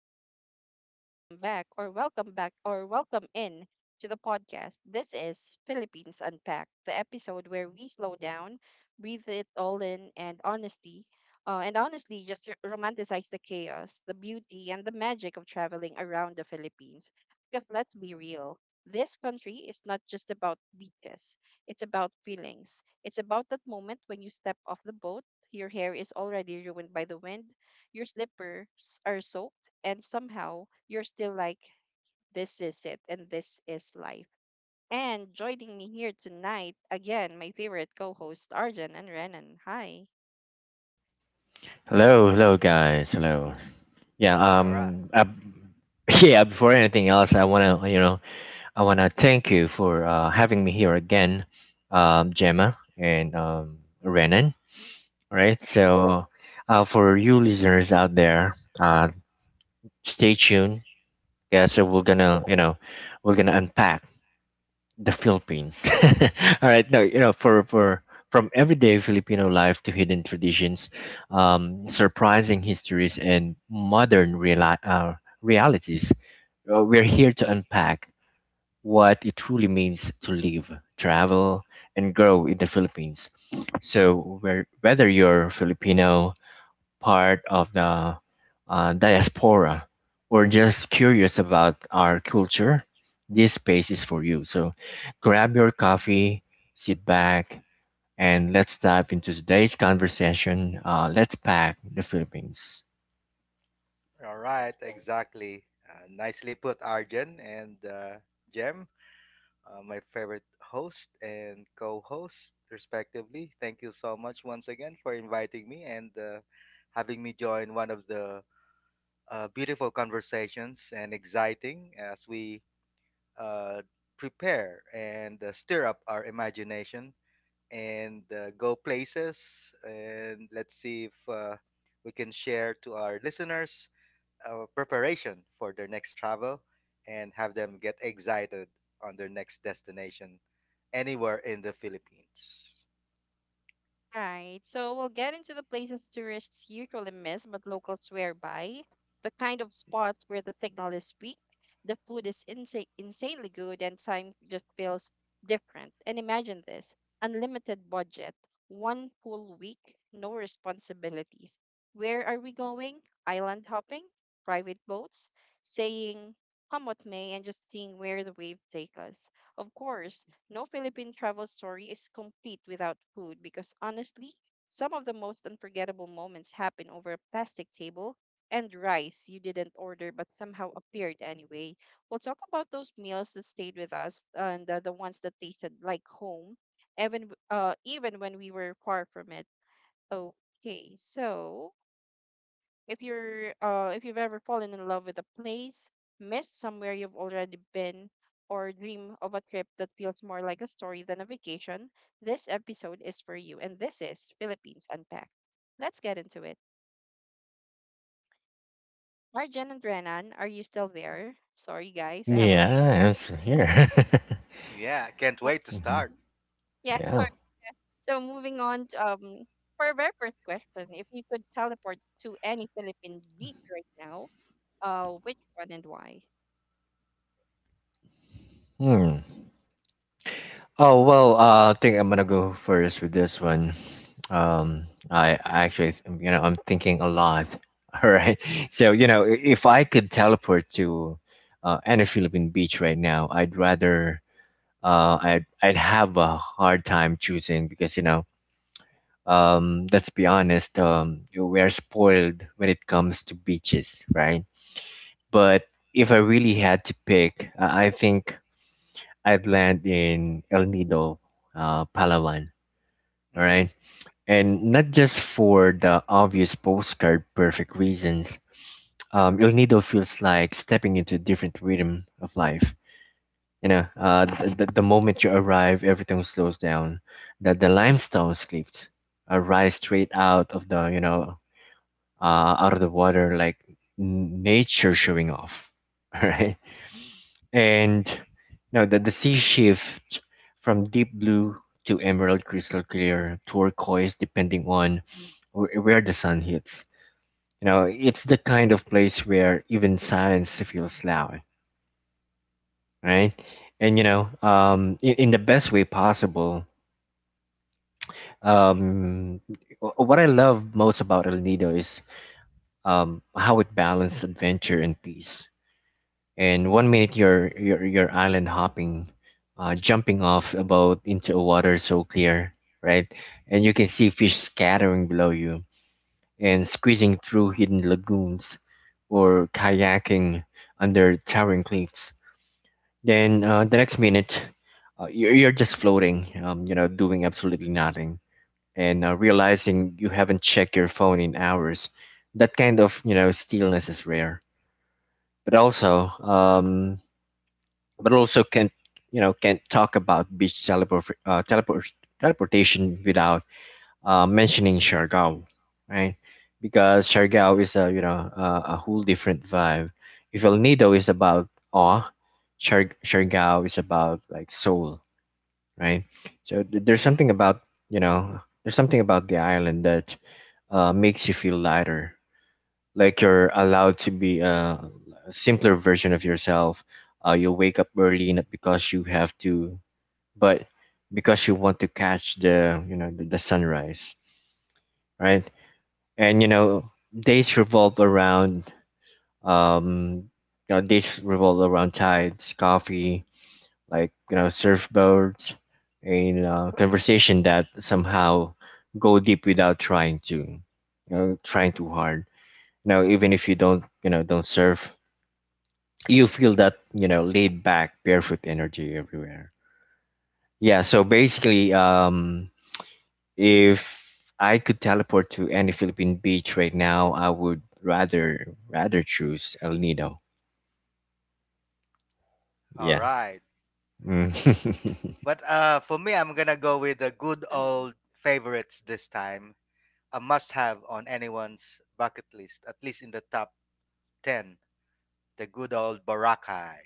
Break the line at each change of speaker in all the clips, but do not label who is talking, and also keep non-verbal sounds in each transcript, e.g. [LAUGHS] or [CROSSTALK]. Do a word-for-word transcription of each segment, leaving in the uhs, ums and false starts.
hello, and welcome back, or welcome back, or welcome in to the podcast. This is Philippines Unpacked, the episode where we slow down, breathe it all in, and honesty, uh, and honestly, just r- romanticize the chaos, the beauty, and the magic of traveling around the Philippines. Because let's be real, this country is not just about beaches; it's about feelings. It's about that moment when you step off the boat, your hair is already ruined by the wind, your slippers are soaked, and somehow you're still like, this is it, and this is life. And joining me here tonight, again, my favorite co host, Arjan and Renan. Hi.
Hello, hello guys. Hello. Yeah,
All right.
um uh, [LAUGHS] yeah, before anything else, I want to, you know, I want to thank you for uh having me here again. Um Gemma and um Renan, all right? So, uh for you listeners out there, uh stay tuned. Yeah, so we're going to, you know, we're going to unpack the Philippines. [LAUGHS] All right. no, you know, for for From everyday Filipino life to hidden traditions, um, surprising histories, and modern reali- uh, realities, uh, we're here to unpack what it truly means to live, travel, and grow in the Philippines. So, where, whether you're Filipino, part of the uh, diaspora or just curious about our culture, this space is for you. So grab your coffee, sit back, and let's dive into today's conversation. Uh, let's pack the Philippines.
All right. Exactly. Uh, nicely put, Arjun and uh, Jem, uh, my favorite host and co host, respectively. Thank you so much once again for inviting me and uh, having me join one of the uh, beautiful conversations, and exciting as we uh, prepare and uh, stir up our imagination and uh, go places. And let's see if uh, we can share to our listeners uh, preparation for their next travel, and have them get excited on their next destination anywhere in the Philippines.
Right. So we'll get into the places tourists usually miss, but locals swear by. The kind of spot where the signal is weak, the food is insa- insanely good, and time just feels different. And imagine this: unlimited budget, one full week, no responsibilities. Where are we going? Island hopping, private boats, saying come what may, and just seeing where the waves take us. Of course, no Philippine travel story is complete without food, because honestly, some of the most unforgettable moments happen over a plastic table and rice you didn't order but somehow appeared anyway. We'll talk about those meals that stayed with us, and uh, the ones that tasted like home, even w- uh, even when we were far from it. Okay, so if you're uh if you've ever fallen in love with a place, missed somewhere you've already been, or dream of a trip that feels more like a story than a vacation, this episode is for you. And this is Philippines Unpacked. Let's get into it. Arjen and Renan, are you still there? Sorry guys, I have a lot.
Yeah, it's here.
Yeah, can't wait
[LAUGHS]
to
hmm
start.
Yeah,
Yeah.
sorry. So moving on to, um for our very first question, if you could teleport to any Philippine beach right now, uh, which one and why?
Hmm. Oh well, uh, I think I'm gonna go first with this one. Um, I, I actually, you know, I'm thinking a lot. [LAUGHS] All right, so you know, i- if I could teleport to uh, any Philippine beach right now, I'd rather, uh, I'd I'd have a hard time choosing because you know, um, let's be honest, um, you- we are spoiled when it comes to beaches, right? But if I really had to pick, uh, I I think I'd land in El Nido, uh, Palawan, all
Mm-hmm.
right, and not just for the obvious postcard perfect reasons. um, El Nido feels like stepping into a different rhythm of life. You know uh, the, the moment you arrive, everything slows down. The, the limestone cliffs arise straight out of the you know uh, out of the water like n- nature showing off. [LAUGHS] All right. And now the, the sea shift from deep blue to emerald, crystal clear, turquoise, depending on wh- where the sun hits. You know, it's the kind of place where even silence feels loud, right? And you know, um, in, in the best way possible. Um, wh- what I love most about El Nido is um, how it balances adventure and peace. And one minute you're you're, you're island hopping, uh, jumping off a boat into a water so clear, right, and you can see fish scattering below you and squeezing through hidden lagoons or kayaking under towering cliffs. Then uh, the next minute, uh, you're, you're just floating, um, you know doing absolutely nothing and uh, realizing you haven't checked your phone in hours. That kind of you know stillness is rare. But also um, but also can you know can talk about beach teleport, uh, teleport teleportation without uh, mentioning Siargao, right? Because Siargao is a you know uh, a whole different vibe. If El Nido is about awe, Siar- Siargao is about like soul, right? So th- there's
Mm-hmm.
something about you know there's something about the island that uh, makes you feel lighter, like you're allowed to be uh, a simpler version of yourself. Uh, you wake up early not because you have to, but because you want to catch the you know the, the sunrise, right? And you know days revolve around um you know, days revolve around tides, coffee, like you know surfboards, and uh, conversation that somehow go deep without trying to, you know, trying too hard. You know, even if you don't you know don't surf, you feel that you know laid back barefoot energy everywhere. Yeah so basically um If I could teleport to any Philippine beach right now, I would rather rather choose El Nido.
All
yeah
right.
Mm. [LAUGHS]
But uh, for me, I'm going to go with the good
Uh-huh.
old favorites this time. A must have on anyone's bucket list, at least in the top ten, the good old Boracay,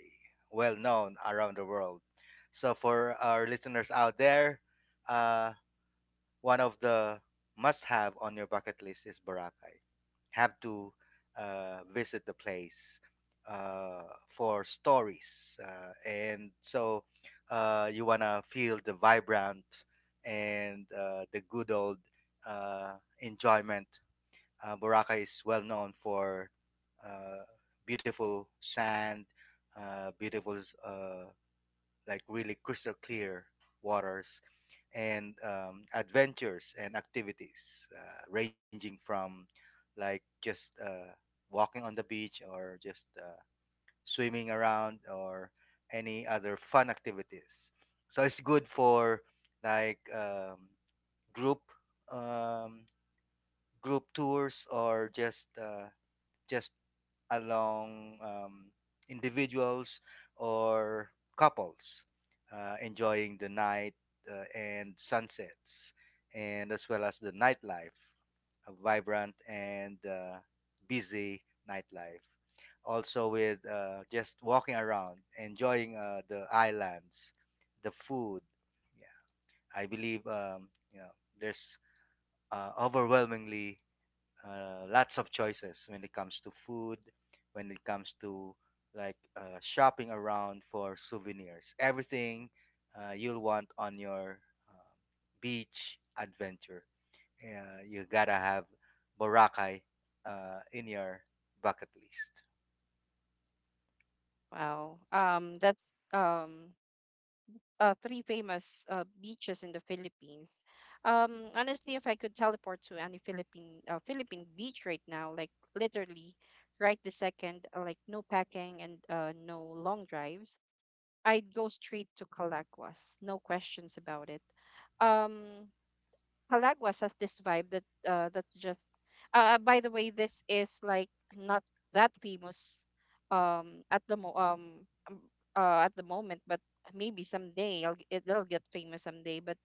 well known around the world. So, for our listeners out there, uh, one of the must have on your bucket list is Boracay. Have to uh, visit the place uh, for stories. Uh, and so uh, you want to feel the vibrant and uh, the good old uh, enjoyment. Uh, Boracay is well known for uh, beautiful sand, uh, beautiful, uh, like really crystal clear waters, and um, adventures and activities uh, ranging from like just uh, walking on the beach, or just uh, swimming around, or any other fun activities. So it's good for like um, group um, group tours, or just uh, just along um, individuals or couples uh, enjoying the night uh, and sunsets, and as well as the nightlife, a vibrant and uh, busy nightlife. Also, with uh, just walking around, enjoying uh, the islands, the food. Yeah, I believe um, you know there's uh, overwhelmingly uh, lots of choices when it comes to food, when it comes to like uh, shopping around for souvenirs. Everything uh, you'll want on your um beach adventure. Uh, you gotta have Boracay uh, in your bucket list.
Wow. Um, that's um uh, three famous uh, beaches in the Philippines. Um, honestly, if I could teleport to any Philippine uh, Philippine beach right now, like literally right the second, uh, like no packing and uh, no long drives, I'd go straight to Calaguas. No questions about it. Um, Palaguas has this vibe that, uh, that just. Uh, uh, by the way, this is like not that famous um at the mo- um um, uh, at the moment, but maybe someday I'll, g- it'll get famous someday. But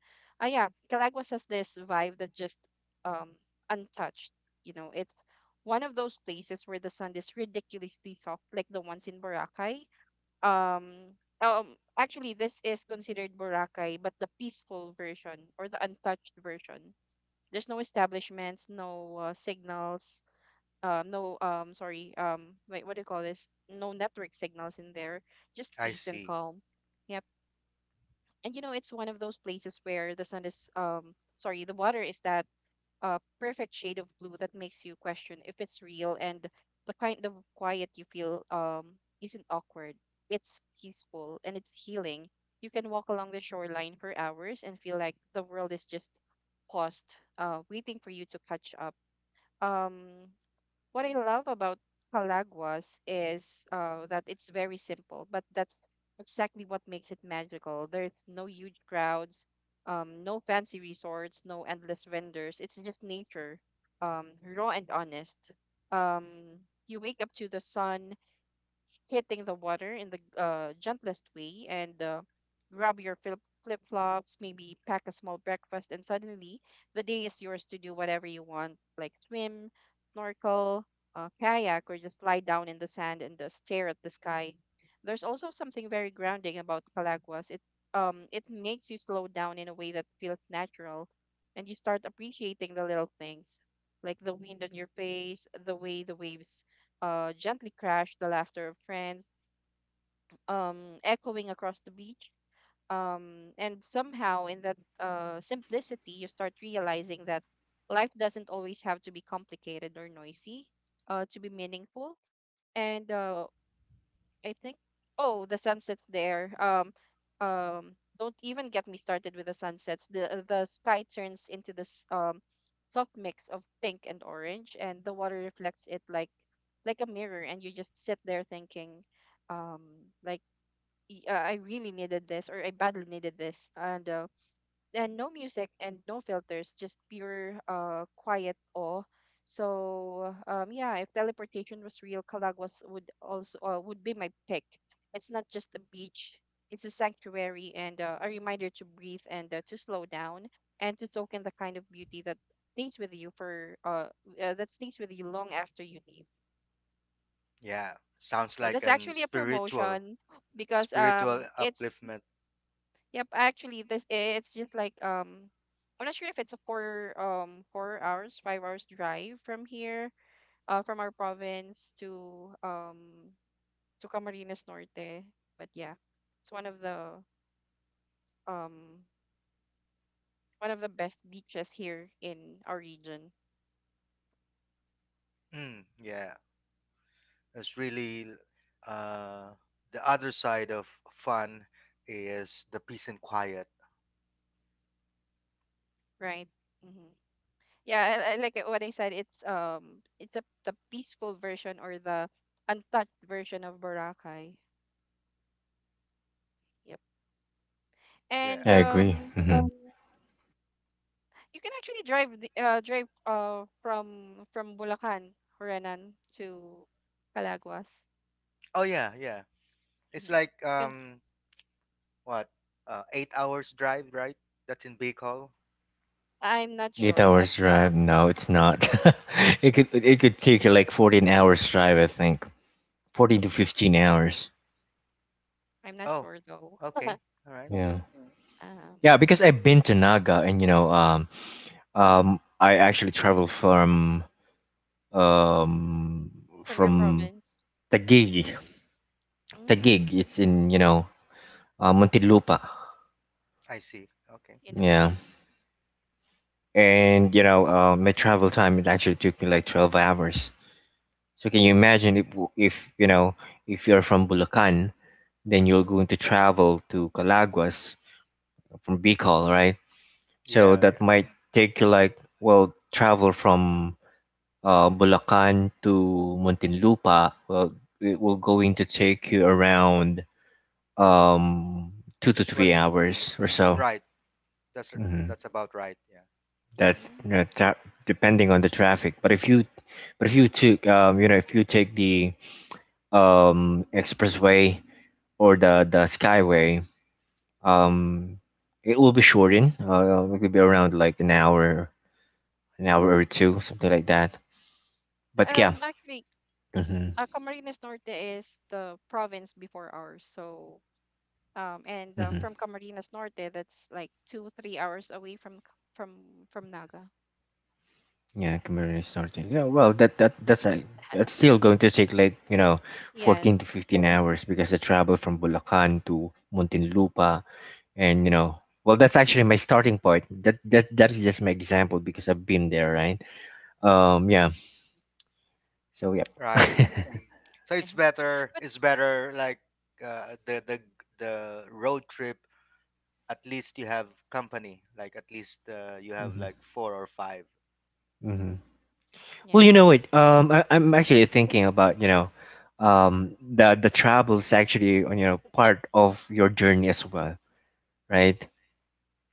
uh, yeah, Palaguas has this vibe that just um untouched. You know, it's one of those places where the sun is ridiculously soft, like the ones in Boracay. Um, um Actually, this is considered Boracay, but the peaceful version, or the untouched version. There's no establishments, no uh, signals, uh, no um sorry, um wait, what do you call this? No network signals in there. Just
I
peace and
see.
calm. Yep. And you know, it's one of those places where the sun is um sorry the water is that uh perfect shade of blue that makes you question if it's real, and the kind of quiet you feel um isn't awkward. It's peaceful and it's healing. You can walk along the shoreline for hours and feel like the world is just paused, uh, waiting for you to catch up um, what I love about Calaguas is uh, that it's very simple, but that's exactly what makes it magical. There's no huge crowds, um, no fancy resorts, no endless vendors. It's just nature, um, raw and honest. Um, you wake up to the sun hitting the water in the uh, gentlest way, and uh, grab your flip flip flops, maybe pack a small breakfast, and suddenly the day is yours to do whatever you want, like swim, snorkel, uh, kayak, or just lie down in the sand and uh, stare at the sky. There's also something very grounding about Calaguas. It um it makes you slow down in a way that feels natural, and you start appreciating the little things, like the wind on your face, the way the waves uh, gently crashed, the laughter of friends, um, echoing across the beach. Um, and somehow, in that uh, simplicity, you start realizing that life doesn't always have to be complicated or noisy uh, to be meaningful. And uh, I think oh the sunsets there. Um um don't even get me started with the sunsets. The the sky turns into this um soft mix of pink and orange, and the water reflects it like like a mirror, and you just sit there thinking, um like "Y- uh, I really needed this, or I badly needed this and uh, And no music and no filters, just pure uh quiet awe. So um yeah, if teleportation was real, Calagwas would also uh, would be my pick. It's not just a beach; it's a sanctuary, and uh, a reminder to breathe, and uh, to slow down, and to token the kind of beauty that stays with you for uh, uh that stays with you long after you leave.
Yeah, sounds
So
like
that's
an
actually a
spiritual,
promotion because
spiritual
um it's...
upliftment.
Yep, actually this eh, it's just like, um I'm not sure if it's a four um four hours, five hours drive from here, uh from our province to um to Camarines Norte. But yeah, it's one of the um one of the best beaches here in our region,
Mm, yeah, it's really uh, the other side of fun is the peace and quiet.
right? Hmm. Yeah, I, I like it- what I said, it's um it's a the peaceful version, or the untouched version of Boracay. Yep.
Yeah.
And
I agree.
um,
hmm Um,
you can actually drive the, uh drive uh from from Bulacan, Renan, to Calaguas.
Oh yeah, yeah. It's
Hmm.
like
Can,
um what uh, eight hours drive, right? That's in Bicol.
I'm not
eight
sure, but
hours drive?
um
No, it's not. [LAUGHS] It could, it could take you like fourteen hours drive, I think. fourteen to fifteen hours.
I'm not
Oh,
sure though.
okay, all right.
Yeah,
Um,
yeah, because I've been to Naga and you know um um I actually traveled from um,
from your
from
province.
Taguig.
Mm,
Mm,
Taguig, it's in you know uh, Montelupa.
I see. Okay.
in the f-
Yeah, and you know uh, my travel time, it actually took me like twelve hours. So can you imagine if, if you know if you're from Bulacan, then you're going to travel to Calaguas from Bicol, right? So
Yeah,
that
yeah.
might take you like, well, travel from uh, Bulacan to Muntinlupa, well, it will going to take you around um two to
Well,
three hours or so.
right. That's r-
hmm
that's about right. Yeah.
that's
mm.
you tra- Depending on the traffic, but if you but if you took, um you know if you take the um expressway or the the skyway, um it will be shortened, uh, it could be around like an hour, an hour or two, something like that. But yeah
Um, actually,
hmm
uh, Camarines Norte is the province before ours. So um, and uh,
hmm
from Camarines Norte, that's like two three hours away from c- from from Naga.
Yeah, community
So
starting. Yeah, well, that that that's like, that's
[LAUGHS]
still going to take like you know, fourteen to
yes.
fifteen hours, because the travel from Bulacan to Muntinlupa, and you know, well, that's actually my starting point. That that that is just my example because I've been there, right? Um, yeah. So yep.
Right.
[LAUGHS]
So it's
[LAUGHS]
better.
But
It's better like uh, the the the road trip, at least you have company, like at least uh, you have like
hmm
four or five.
hmm Well, you know
yes.
what? Um, I, I'm actually thinking about, you know, um, the the travel is actually, you know, part of your journey as well, right?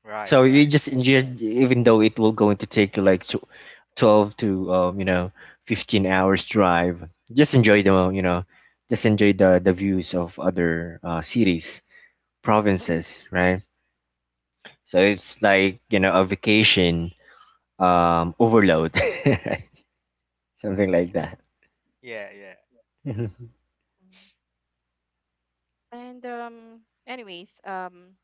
Right,
So you
right.
just ingest, even though it will going to take you like tw- twelve to, um, you know fifteen hours drive. Just enjoy the, you know, just enjoy the the views of other uh, cities, provinces, right? So it's like, you know, a vacation um overload, [LAUGHS] something like that.
Yeah, yeah.
Mhm.
Mm. And um, anyways, um,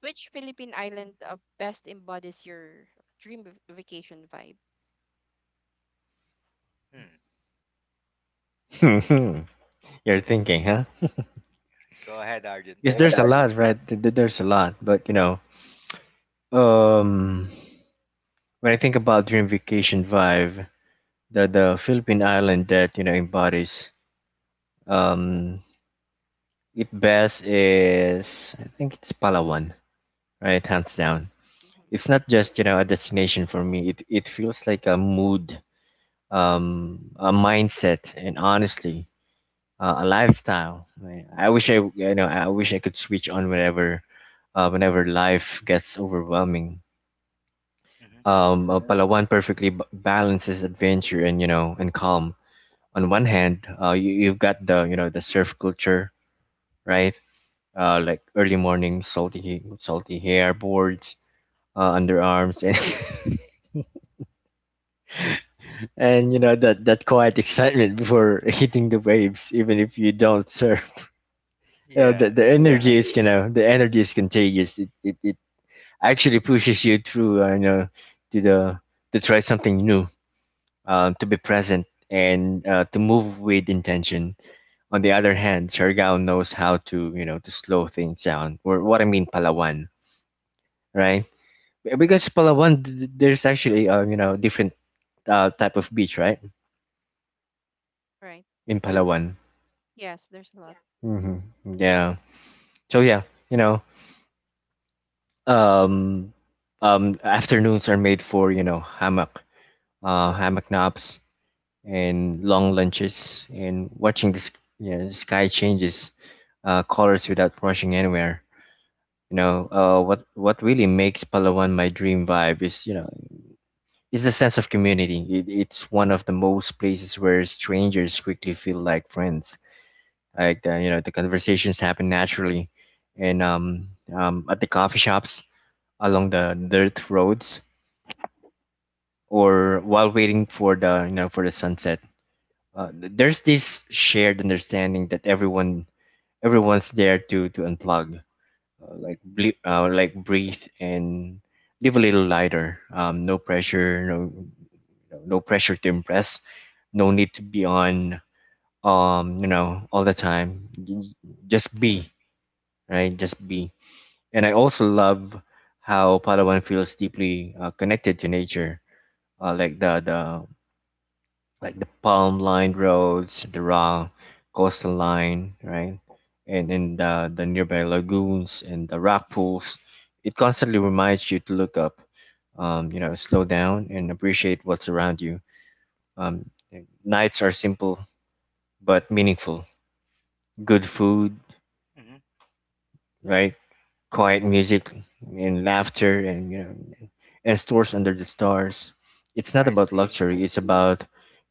which Philippine island uh, best embodies your dream v- vacation vibe?
Hmm.
[LAUGHS] You're thinking, huh?
Go ahead, Arjun.
Because Yeah, there's
Hmm.
a lot, right? Th- th- There's a lot, but you know, um, when I think about dream vacation vibe, the the Philippine island that you know embodies um it best is, I think it's Palawan, right? Hands down. It's not just, you know a destination for me. It it feels like a mood, um, a mindset, and honestly, uh, a lifestyle. Right? I wish I you know I wish I could switch on whenever, uh, whenever life gets overwhelming.
Hmm.
Um, uh, Palawan perfectly b- balances adventure and, you know and calm. On one hand, uh, you, you've got the, you know the surf culture, right? Uh, like early morning, salty salty hair, boards, uh, underarms, and [LAUGHS] and you know that that quiet [LAUGHS] excitement before hitting the waves, even if you don't surf. [LAUGHS] You know
Yeah,
the, the
yeah.
Yeah. energy is you know the energy is contagious. It it, it actually pushes you through, uh, you know to the, to try something new, um, to be present and uh, to move with intention. On the other hand, Siargao knows how to, you know, to slow things down. Or what I mean, Palawan, right? Because Palawan, th- th- there's actually, uh, you know, different uh, type of beach, right?
Right.
In Palawan.
Yes, there's a lot.
Mm-hmm. Yeah. So yeah, you know, um, um, Afternoons are made for, you know hammock, uh, hammock naps and long lunches and watching the s- yeah, the sky changes uh, colors without rushing anywhere. You know, uh, what what really makes Palawan my dream vibe is, you know is the sense of community. It, it's one of the most places where strangers quickly feel like friends. Like the, you know, the conversations happen naturally, and um, um, at the coffee shops along the dirt roads or while waiting for the, you know for the sunset. Uh, there's this shared understanding that everyone everyone's there to to unplug, uh, like ble- uh, like breathe and live a little lighter. Um, no pressure, no you know, no pressure to impress. No need to be on, um you know all the time. J- Just be, right. Just be. And I also love how Palawan feels deeply, uh, connected to nature. Uh, like the the like the palm lined roads, the raw coastal line, right? And and uh, The nearby lagoons and the rock pools. It constantly reminds you to look up, um, you know, slow down and appreciate what's around you. Um, Nights are simple but meaningful. Good food,
Hmm.
right? Quiet music and laughter and, you know and stores under the stars. It's not
I
about
see.
luxury, it's about,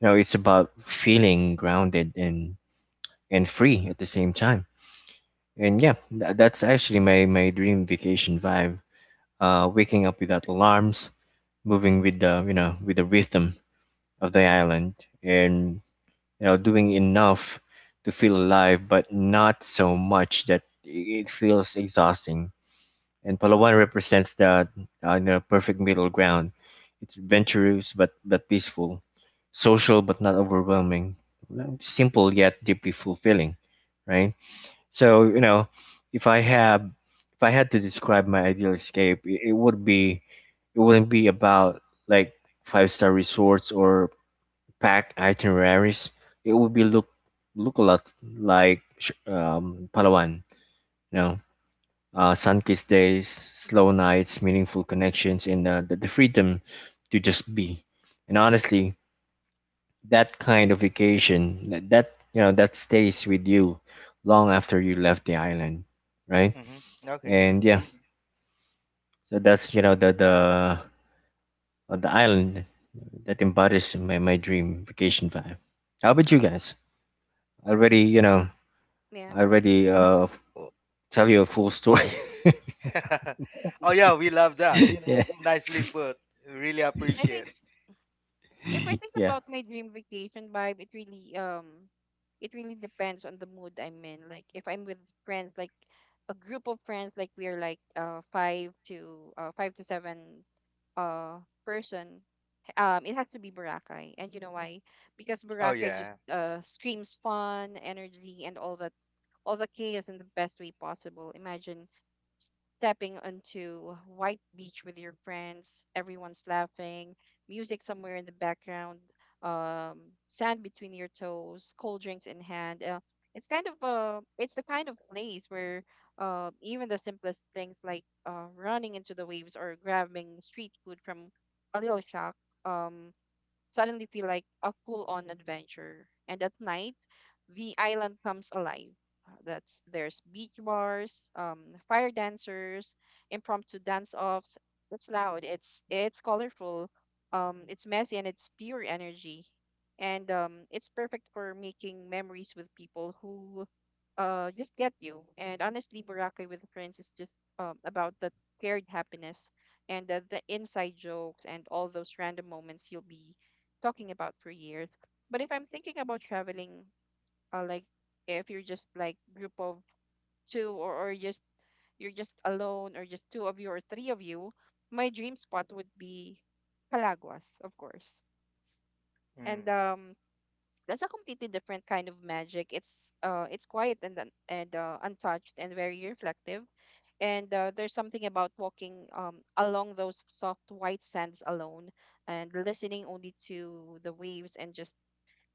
you know, it's about feeling grounded and and free at the same time. And yeah, tha- that's actually my, my dream vacation vibe. Uh, waking up without alarms, moving with the, you know with the rhythm of the island, and, you know doing enough to feel alive, but not so much that i- it feels exhausting. And Palawan represents the, uh, you know, perfect middle ground. It's adventurous but but peaceful, social but not overwhelming, simple yet deeply fulfilling, right? So, you know, if I have if I had to describe my ideal escape, it, it would be, it wouldn't be about like five star resorts or packed itineraries. It would be look look a lot like sh- um, Palawan, you know, uh, sun-kissed days, slow nights, meaningful connections, and uh, the, the freedom to just be. And honestly, that kind of vacation, that, that you know, that stays with you long after you left the island, right?
Hmm. Okay.
And yeah, so that's, you know, the the uh, the island that embodies my, my dream vacation vibe. How about you guys? I already
Hmm.
you
I
know
th- yeah
i already uh f- tell you a full story. [LAUGHS]
[LAUGHS] Oh yeah, we love that.
Yeah,
Nicely put, really
I
appreciate.
think if I think
yeah.
about my dream vacation vibe, it really um it really depends on the mood i'm in. Like if i'm with friends, like a group of friends, like we're like uh five to uh five to seven uh person, um, it has to be Boracay. And you know why? Because
Oh
Boracay just
yeah.
uh, screams fun, energy, and all that, all the chaos in the best way possible. Imagine stepping onto white beach with your friends, everyone's laughing, music somewhere in the background, um, sand between your toes, cold drinks in hand. Uh, it's kind of uh, it's the kind of place where, uh, even the simplest things, like uh, running into the waves or grabbing street food from a little shack, um suddenly feel like a full-on adventure. And at night, the island comes alive. Uh, That's There's beach bars, um, fire dancers, impromptu dance-offs. It's loud. It's it's colorful. Um, it's messy, and it's pure energy. And um, it's perfect for making memories with people who uh just get you. And honestly, Boracay with friends is just um about the shared happiness, and the, the inside jokes, and all those random moments you'll be talking about for years. But if I'm thinking about traveling, uh, like if you're just like group of two, or, or just you're just alone, or just two of you or three of you, my dream spot would be Palaguas, of course. And
Mm.
um that's a completely different kind of magic. It's uh it's quiet, and un- and uh, untouched, and very reflective. And uh, there's something about walking um along those soft white sands alone, and listening only to the waves, and just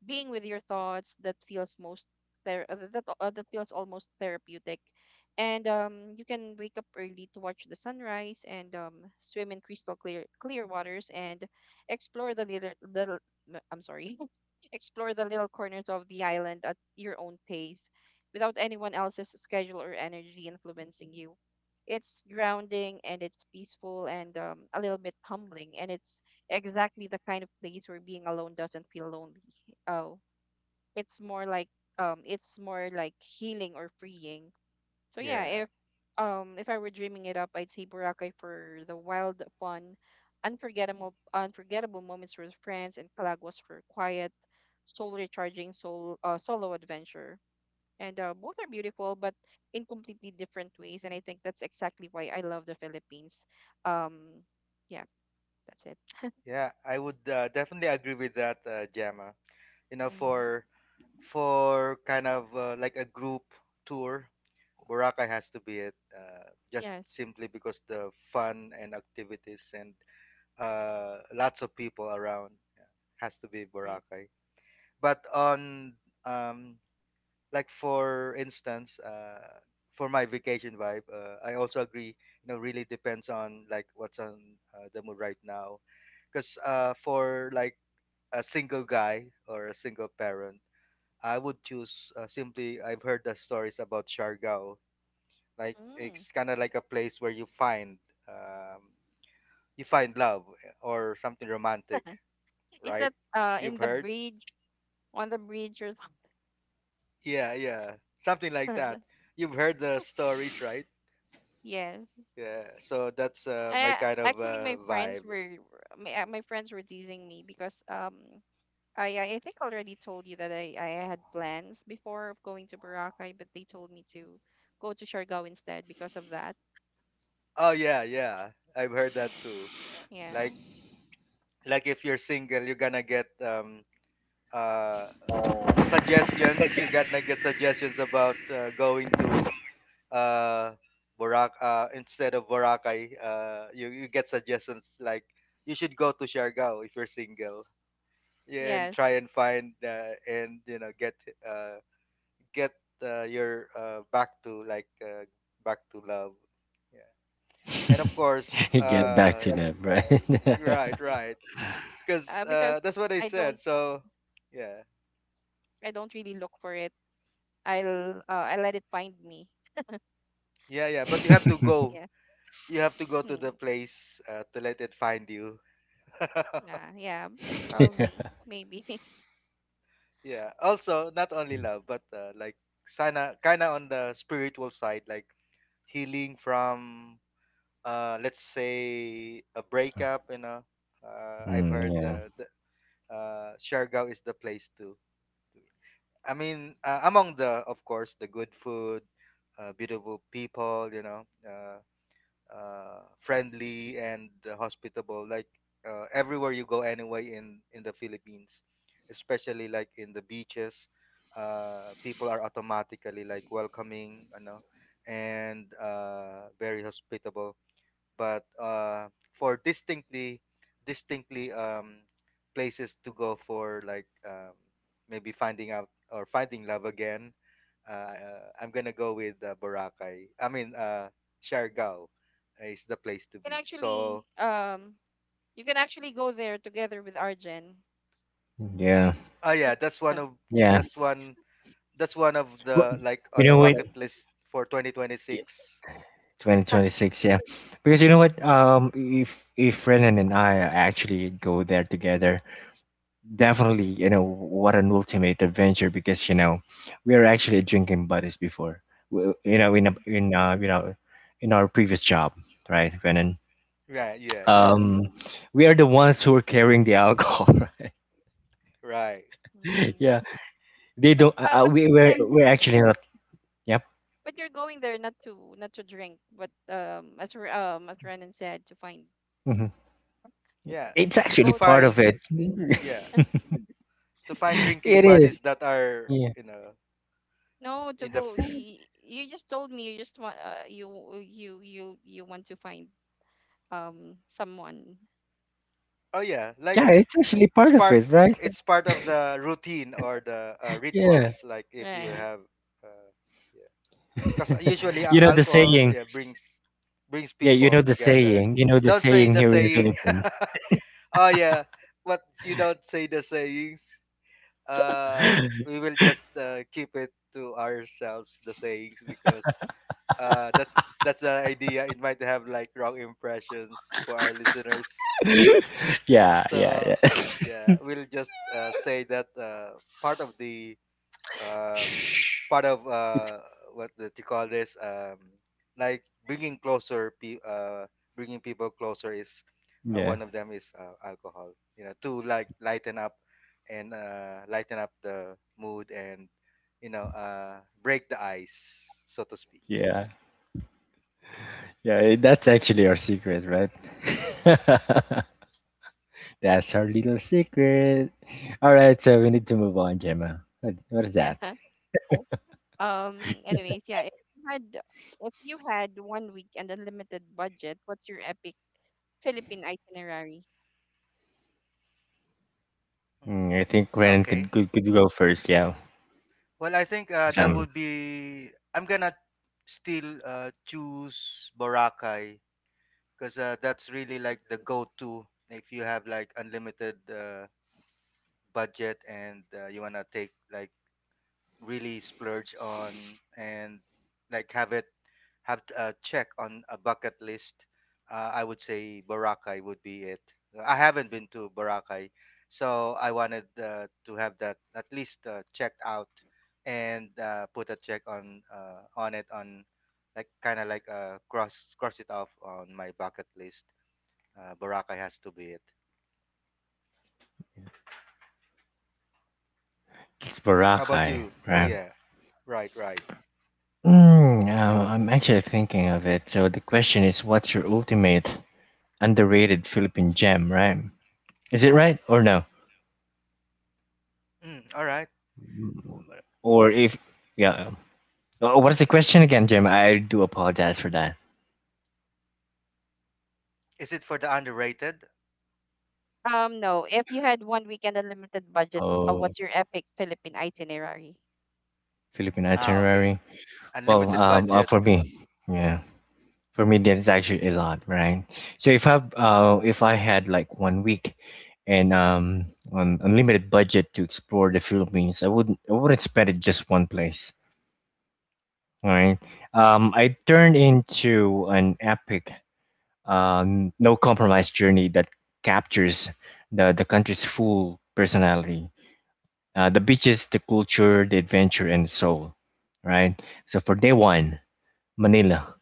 being with your thoughts, that feels most there, that uh, that feels almost therapeutic. And um, you can wake up early to watch the sunrise, and um, swim in crystal clear clear waters, and explore the little, little m- I'm sorry [LAUGHS] explore the little corners of the island at your own pace, without anyone else's schedule or energy influencing you. It's grounding, and it's peaceful, and um, a little bit humbling, and it's exactly the kind of place where being alone doesn't feel lonely. Oh, it's more like, um, it's more like healing, or freeing. So yeah,
Yeah,
if um, if I were dreaming it up, I'd say Boracay for the wild, fun, unforgettable, unforgettable moments with friends, and Calaguas for quiet, soul recharging, soul uh, solo adventure. And uh, both are beautiful, but in completely different ways. And I think that's exactly why I love the Philippines. Um, yeah, that's it.
yeah, I would uh, definitely agree with that, uh, Gemma. You know,
Mm-hmm.
for for kind of uh, like a group tour, Boracay has to be it, uh, just
Yes.
simply because the fun and activities and uh, lots of people around, yeah, has to be Boracay. But on um, like for instance, uh, for my vacation vibe, uh, I also agree. You know, really depends on like what's on uh, the mood right now. Because uh, for like a single guy or a single parent, I would choose uh, simply. I've heard the stories about Siargao, like
Mm.
it's kind of like a place where you find um, you find love, eh, or something romantic,
[LAUGHS] Is
right?
that, uh
You've
in the
heard,
bridge on the bridge or
yeah yeah, something like that.
something? [LAUGHS]
You've heard the stories, right?
Yes.
Yeah, so that's uh, my
I
kind of
actually my
uh,
friends
vibe.
were my, uh, my friends were teasing me because um I I I think I already told you that I I had plans before of going to Boracay, but they told me to go to Siargao instead because of that.
Oh yeah yeah, I've
Oh.
heard that too.
Yeah.
like like if you're single, you're gonna get um uh suggestions, you're gonna get suggestions about uh, going to uh Borac uh instead of Boracay, uh you, you get suggestions like you should go to Siargao if you're single. Yeah, and try
Yes.
and find uh, and you know get uh get uh, your uh, back to like uh, back to love. Yeah. And of course,
[LAUGHS] Get back
uh
to that, right?
right,
Okay.
right. Cuz
Uh,
uh that's
because
what I
I don't
said. So, yeah.
I don't really look for it. I'll uh, I let it find me.
Yeah, yeah, but you have to go.
Yeah.
You have to go to the
Hmm.
place uh, to let it find you. [LAUGHS]
Nah, yeah. Probably,
[LAUGHS]
maybe.
Yeah. Also, not only love, but uh, like sana kind of on the spiritual side, like healing from uh let's say a breakup, you know. Uh, I've
Mm,
heard
yeah,
uh, the uh Siargao is the place too. I mean, uh, among the of course the good food, uh, beautiful people, you know, uh uh, friendly and uh, hospitable, like uh, everywhere you go anyway in in the Philippines, especially like in the beaches, uh, people are automatically like welcoming, you know, and uh, very hospitable. But uh, for distinctly, distinctly um, places to go for like um, maybe finding out or finding love again, uh, uh, I'm gonna go with uh, Boracay, I mean uh, Siargao is the place to
Can
be.
actually
So
um you can actually go there together with Arjen.
yeah,
oh yeah, that's one of,
[LAUGHS]
yeah.
that's one that's one of
Wha-
the like
you
on a
know what?
bucket list for
Yeah,
twenty twenty-six.
twenty twenty-six, yeah. Because you know what, um if if Renan and I actually go there together, definitely, you know what, an ultimate adventure. Because, you know, we are actually drinking buddies before, w- you know, in a,
Mm,
in uh, you know, in our previous job, right, Brennan?
Yeah yeah yeah,
um we are the ones who are carrying the alcohol.
right
[LAUGHS]
mm.
Yeah, they
But
don't uh,
uh,
uh,
but
we
this
we're,
time,
we're actually not. Yep.
but you're going there not to not to drink, but um as R- um as Renan said, to find
Hmm,
yeah,
it's
to
to
actually
go to
part
the
of
find,
it. [LAUGHS]
bridge.
It
yeah, to find drinking
is,
buddies that are,
yeah,
you know,
No, to
in the
go.
f-
y- You just told me you just want uh, you you you you want to find um someone,
oh yeah, like
yeah. It's actually
it's
part of
part,
it, right?
it's part of the routine or the uh,
Yeah.
rituals like if you
right?
have uh, yeah, because
[LAUGHS]
usually uh,
You know the
alcohol,
saying.
yeah, brings brings
Yeah, you
people
know the
together.
saying You know the
Don't say
saying
the
here in the
saying.
philippines.
[LAUGHS] Oh yeah, but you don't say the sayings, uh
[LAUGHS]
we will just uh, keep it to ourselves, the sayings, because uh that's that's the idea, it might have like wrong impressions for our listeners.
Yeah, yeah,
So
yeah.
uh, yeah, we'll just uh, say that uh, part of the um,
Shh.
part of
It's,
uh, what do you call this, um, like bringing closer pe- uh, bringing people closer is uh,
yeah,
one of them is uh, alcohol, you know, to like lighten up and uh, lighten up the mood and you know uh, break the ice, so to speak.
yeah, yeah. eh, That's actually our secret, right? [LAUGHS] That's our little secret. All right, so we need to move on, Gemma. What, what is
Yeah.
that?
[LAUGHS] Um. Anyways, yeah. If you had if you had one week and unlimited budget, what's your epic Philippine itinerary?
Hmm,
Mm, I think Gwen could,
okay.
could could go first. Yeah,
Well, I think uh, that
um,
would be, I'm gonna still uh, choose Boracay because uh, that's really like the go-to. If you have like unlimited uh, budget and uh, you wanna take like really splurge on and like have it, have t- a check on a bucket list, uh, I would say Boracay would be it. I haven't been to Boracay, so I wanted uh, to have that at least uh, checked out, and uh, put a check on uh, on it on like kind of like uh, cross cross it off on my bucket list. uh, Boracay has to be it.
it's
How about
Boracay,
you?
right?
Yeah, right right.
Mm, uh, I'm actually thinking of it. So the question is, what's your ultimate underrated Philippine gem, right? Is it right or no?
Mm, all right.
Or if, yeah. Oh, what is the question again, Jim? I do apologize for that.
Is it for the underrated?
Um, no. If you had one weekend unlimited budget, uh,
Oh,
what's your epic Philippine itinerary?
Philippine
Ah, okay.
itinerary. Well,
Mhm.
Unlimited
um, uh, for
budget.
me, yeah, for me that is actually a lot, right? So if I uh, if I had like one week and um an unlimited budget to explore the Philippines, I wouldn't I wouldn't spend it just one place, all right? Um, I turned into an epic, um, no compromise journey that captures the the country's full personality, uh, the beaches, the culture, the adventure, and the soul, right? So for day one, Manila,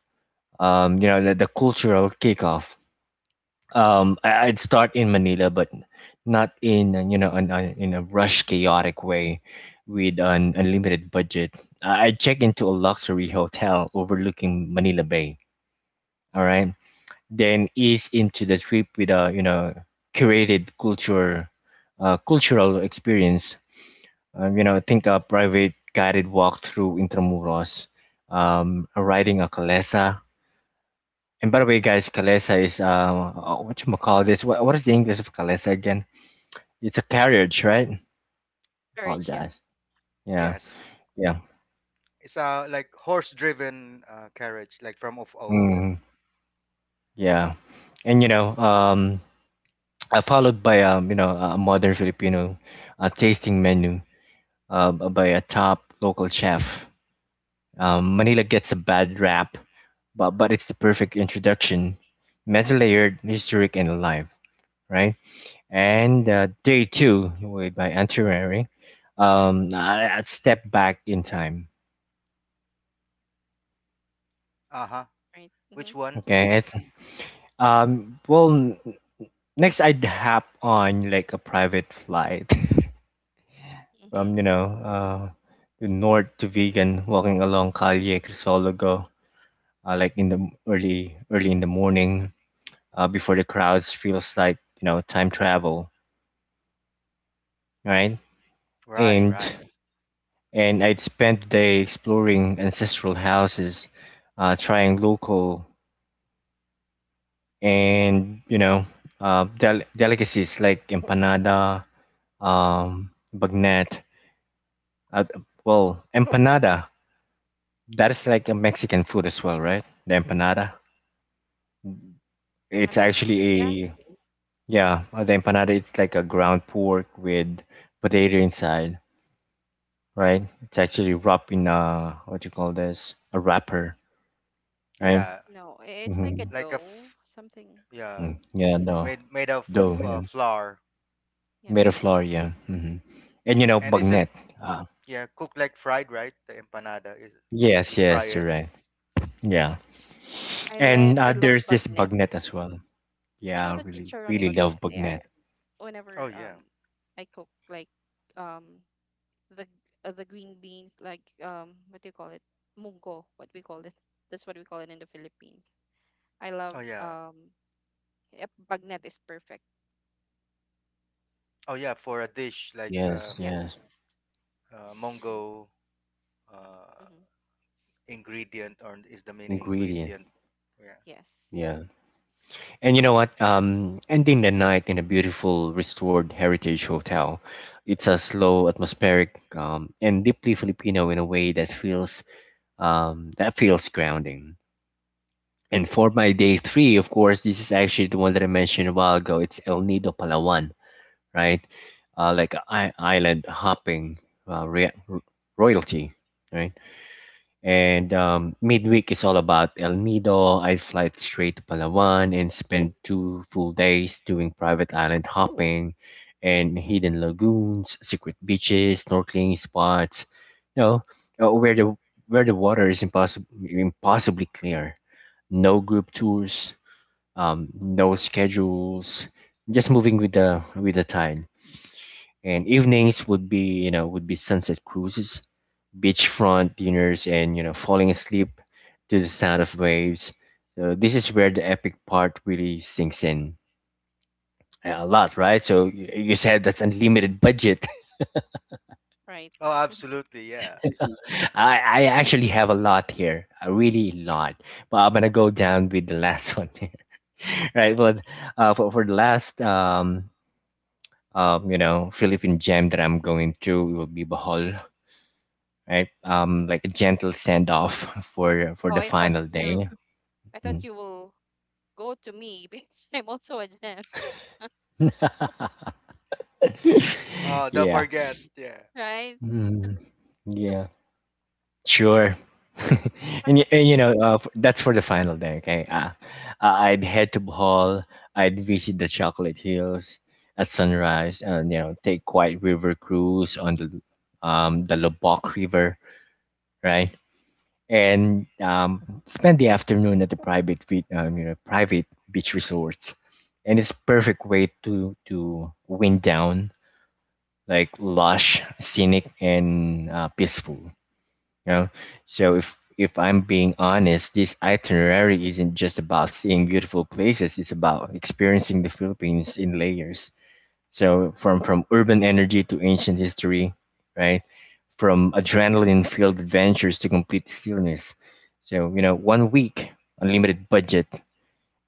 um, you know, the, the cultural kickoff. Um, I, I'd start in Manila, but not in, uh, you know, an, an, in a rush, chaotic way, with an unlimited budget. I, I'd check into a luxury hotel overlooking Manila Bay. All right, then ease into the trip with a, you know, curated culture, uh, cultural experience. Um, you know, think a private guided walk through Intramuros, um, riding a calesa. And by the way, guys, calesa is, um, uh, what you call this? What, what is the English of calesa again? It's a carriage, right?
Courage, yeah.
Apologize. Yeah,
Yes,
yeah.
it's a like horse-driven uh, carriage, like from of old.
Mm, yeah. And you know, um, uh, followed by, um, you know, a modern Filipino uh, tasting menu uh, b- by a top local chef. Um, Manila gets a bad rap, but but it's the perfect introduction. Multi-layered, historic, and alive, right? And uh, Day Two with by Antiquary. Um, I, I'd step back in time.
Uh huh.
Right. Mm-hmm.
Which one?
Okay, it's, um well n- next I'd hop on like a private flight [LAUGHS]
Mm-hmm.
from, you know, uh the north to vegan walking along Calle Crisologo, uh, like in the m- early early in the morning, uh, before the crowds feels like, you know, time travel, right?
Right,
Right.
And
right.
and I'd spent the day exploring ancestral houses, uh, trying local, and you know, uh, del- delicacies like empanada, um, bagnat. Uh, well, empanada, that is like a Mexican food as well, right? The empanada. It's
I'm not sure. Yeah.
actually a, yeah, uh, the empanada. It's like a ground pork with potato inside, right? It's actually wrapped in a, what you call this, a wrapper, right?
Yeah,
No, i- it's like a
Mm-hmm.
like a
dough,
f-
something.
yeah,
Mm. Yeah,
f-
no,
made made of
dough, yeah.
uh, flour.
Yep.
Made of flour, yeah. Hmm. And you know,
And is it,
bagnet. Uh,
yeah, cooked like fried? Right, the empanada is, you
yes,
fry
yes, you're
it.
right. Yeah,
I like.
and
I
uh,
love
there's this
bagnet.
bagnet as well.
You know
Yeah, I
the
really,
chicharon
really love
bagnet. Yeah.
bagnet.
Oh
Whenever
yeah.
um, I cook like um the uh, the green beans like um what do you call it mungo what we call it that's what we call it in the Philippines. I love
Oh yeah.
um yep, bagnet is perfect.
Oh yeah. For a dish like
Yes,
um,
yes,
Yes.
uh,
Right.
Mongo uh,
Mm-hmm.
ingredient, or is the main
ingredient.
ingredient. Yeah.
Yes.
Yeah, and you know what? Um, ending the night in a beautiful restored heritage hotel. It's a slow, atmospheric, um, and deeply Filipino in a way that feels, Um, that feels grounding. And for my day three, of course, this is actually the one that I mentioned a while ago. It's El Nido Palawan, right? Uh, like I- island hopping, uh, rea- royalty, right? And um, midweek is all about El Nido. I fly straight to Palawan and spend two full days doing private island hopping and hidden lagoons, secret beaches, snorkeling spots, you know, uh, where the where the water is impossible impossibly clear. No group tours, um, no schedules, just moving with the with the tide. And evenings would be, you know, would be sunset cruises, beachfront dinners, and you know, falling asleep to the sound of waves. So this is where the epic part really sinks in a a lot, right? So y- you said that's unlimited budget. [LAUGHS]
Right.
Oh,
Mhm.
absolutely. Yeah.
I, I actually have a lot here, a really lot. But I'm gonna go down with the last [LAUGHS] one, right? But uh, for for the last, um um you know, Philippine gem that I'm going to, it will be Bohol, right? Um, like a gentle send off [LAUGHS] for for
Oh,
the
I thought
final
you.
day.
I thought
Mm.
you will go to me [LAUGHS] because I'm also a gem.
Oh,
[LAUGHS]
don't
Yeah.
forget. Yeah.
Right.
Mm, yeah, sure. [LAUGHS] and, y- and you know, uh, f- that's for the final day, okay? Uh, I- I'd head to Bohol, I'd visit the Chocolate Hills at sunrise, and you know, take quiet river cruise on the um the Lubok River, right? And um, spend the afternoon at the private vi- um, you know, private beach resorts, and it's perfect way to to wind down, like lush, scenic, and uh, peaceful. You know? So if if I'm being honest, this itinerary isn't just about seeing beautiful places, it's about experiencing the Philippines in layers. So from from urban energy to ancient history, right? From adrenaline-filled adventures to complete stillness. So, you know, one week, unlimited budget,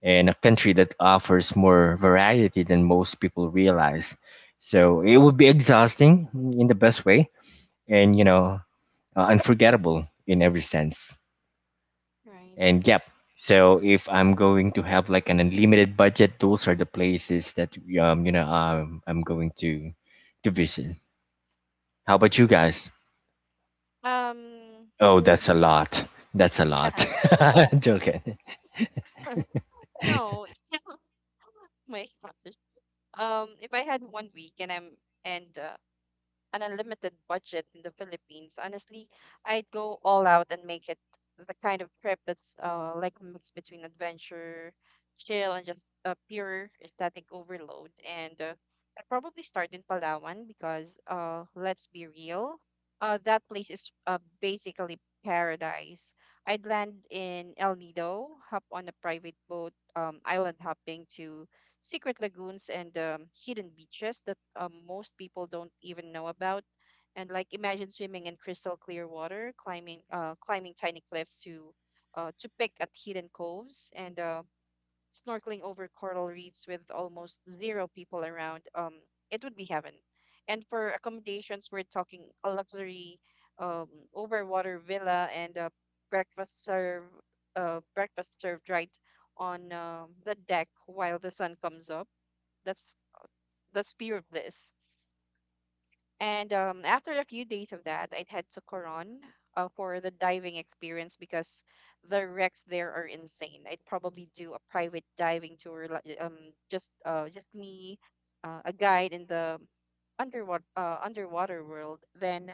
and a country that offers more variety than most people realize. So it would be exhausting in the best way. And you know, uh, unforgettable in every sense.
Right.
And yep. So if I'm going to have like an unlimited budget, those are the places that, um you know, um, I'm going to to visit. How
Right.
about you guys?
Um.
Oh, that's a lot. That's a
Yeah.
lot. [LAUGHS] Joking.
[LAUGHS] no. [LAUGHS] My gosh. Um. If I had one week and I'm and uh, an unlimited budget in the Philippines, honestly, I'd go all out and make it the kind of trip that's uh, like a mix between adventure, chill, and just uh, pure aesthetic overload. And uh, I'd probably start in Palawan because, uh, let's be real, uh, that place is uh, basically paradise. I'd land in El Nido, hop on a private boat, um, island hopping to secret lagoons and um, hidden beaches that um, most people don't even know about. And like imagine swimming in crystal clear water, climbing uh, climbing tiny cliffs to uh, to pick at hidden coves, and uh, snorkeling over coral reefs with almost zero people around. Um, it would be heaven. And for accommodations, we're talking a luxury um, overwater villa and a breakfast served uh, breakfast served right on um the deck while the sun comes up that's that's pure bliss. And um, after a few days of that, I'd head to Coron uh, for the diving experience because the wrecks there are insane. I'd probably do a private diving tour, like, um, just uh, just me, uh, a guide in the underwater uh, underwater world. Then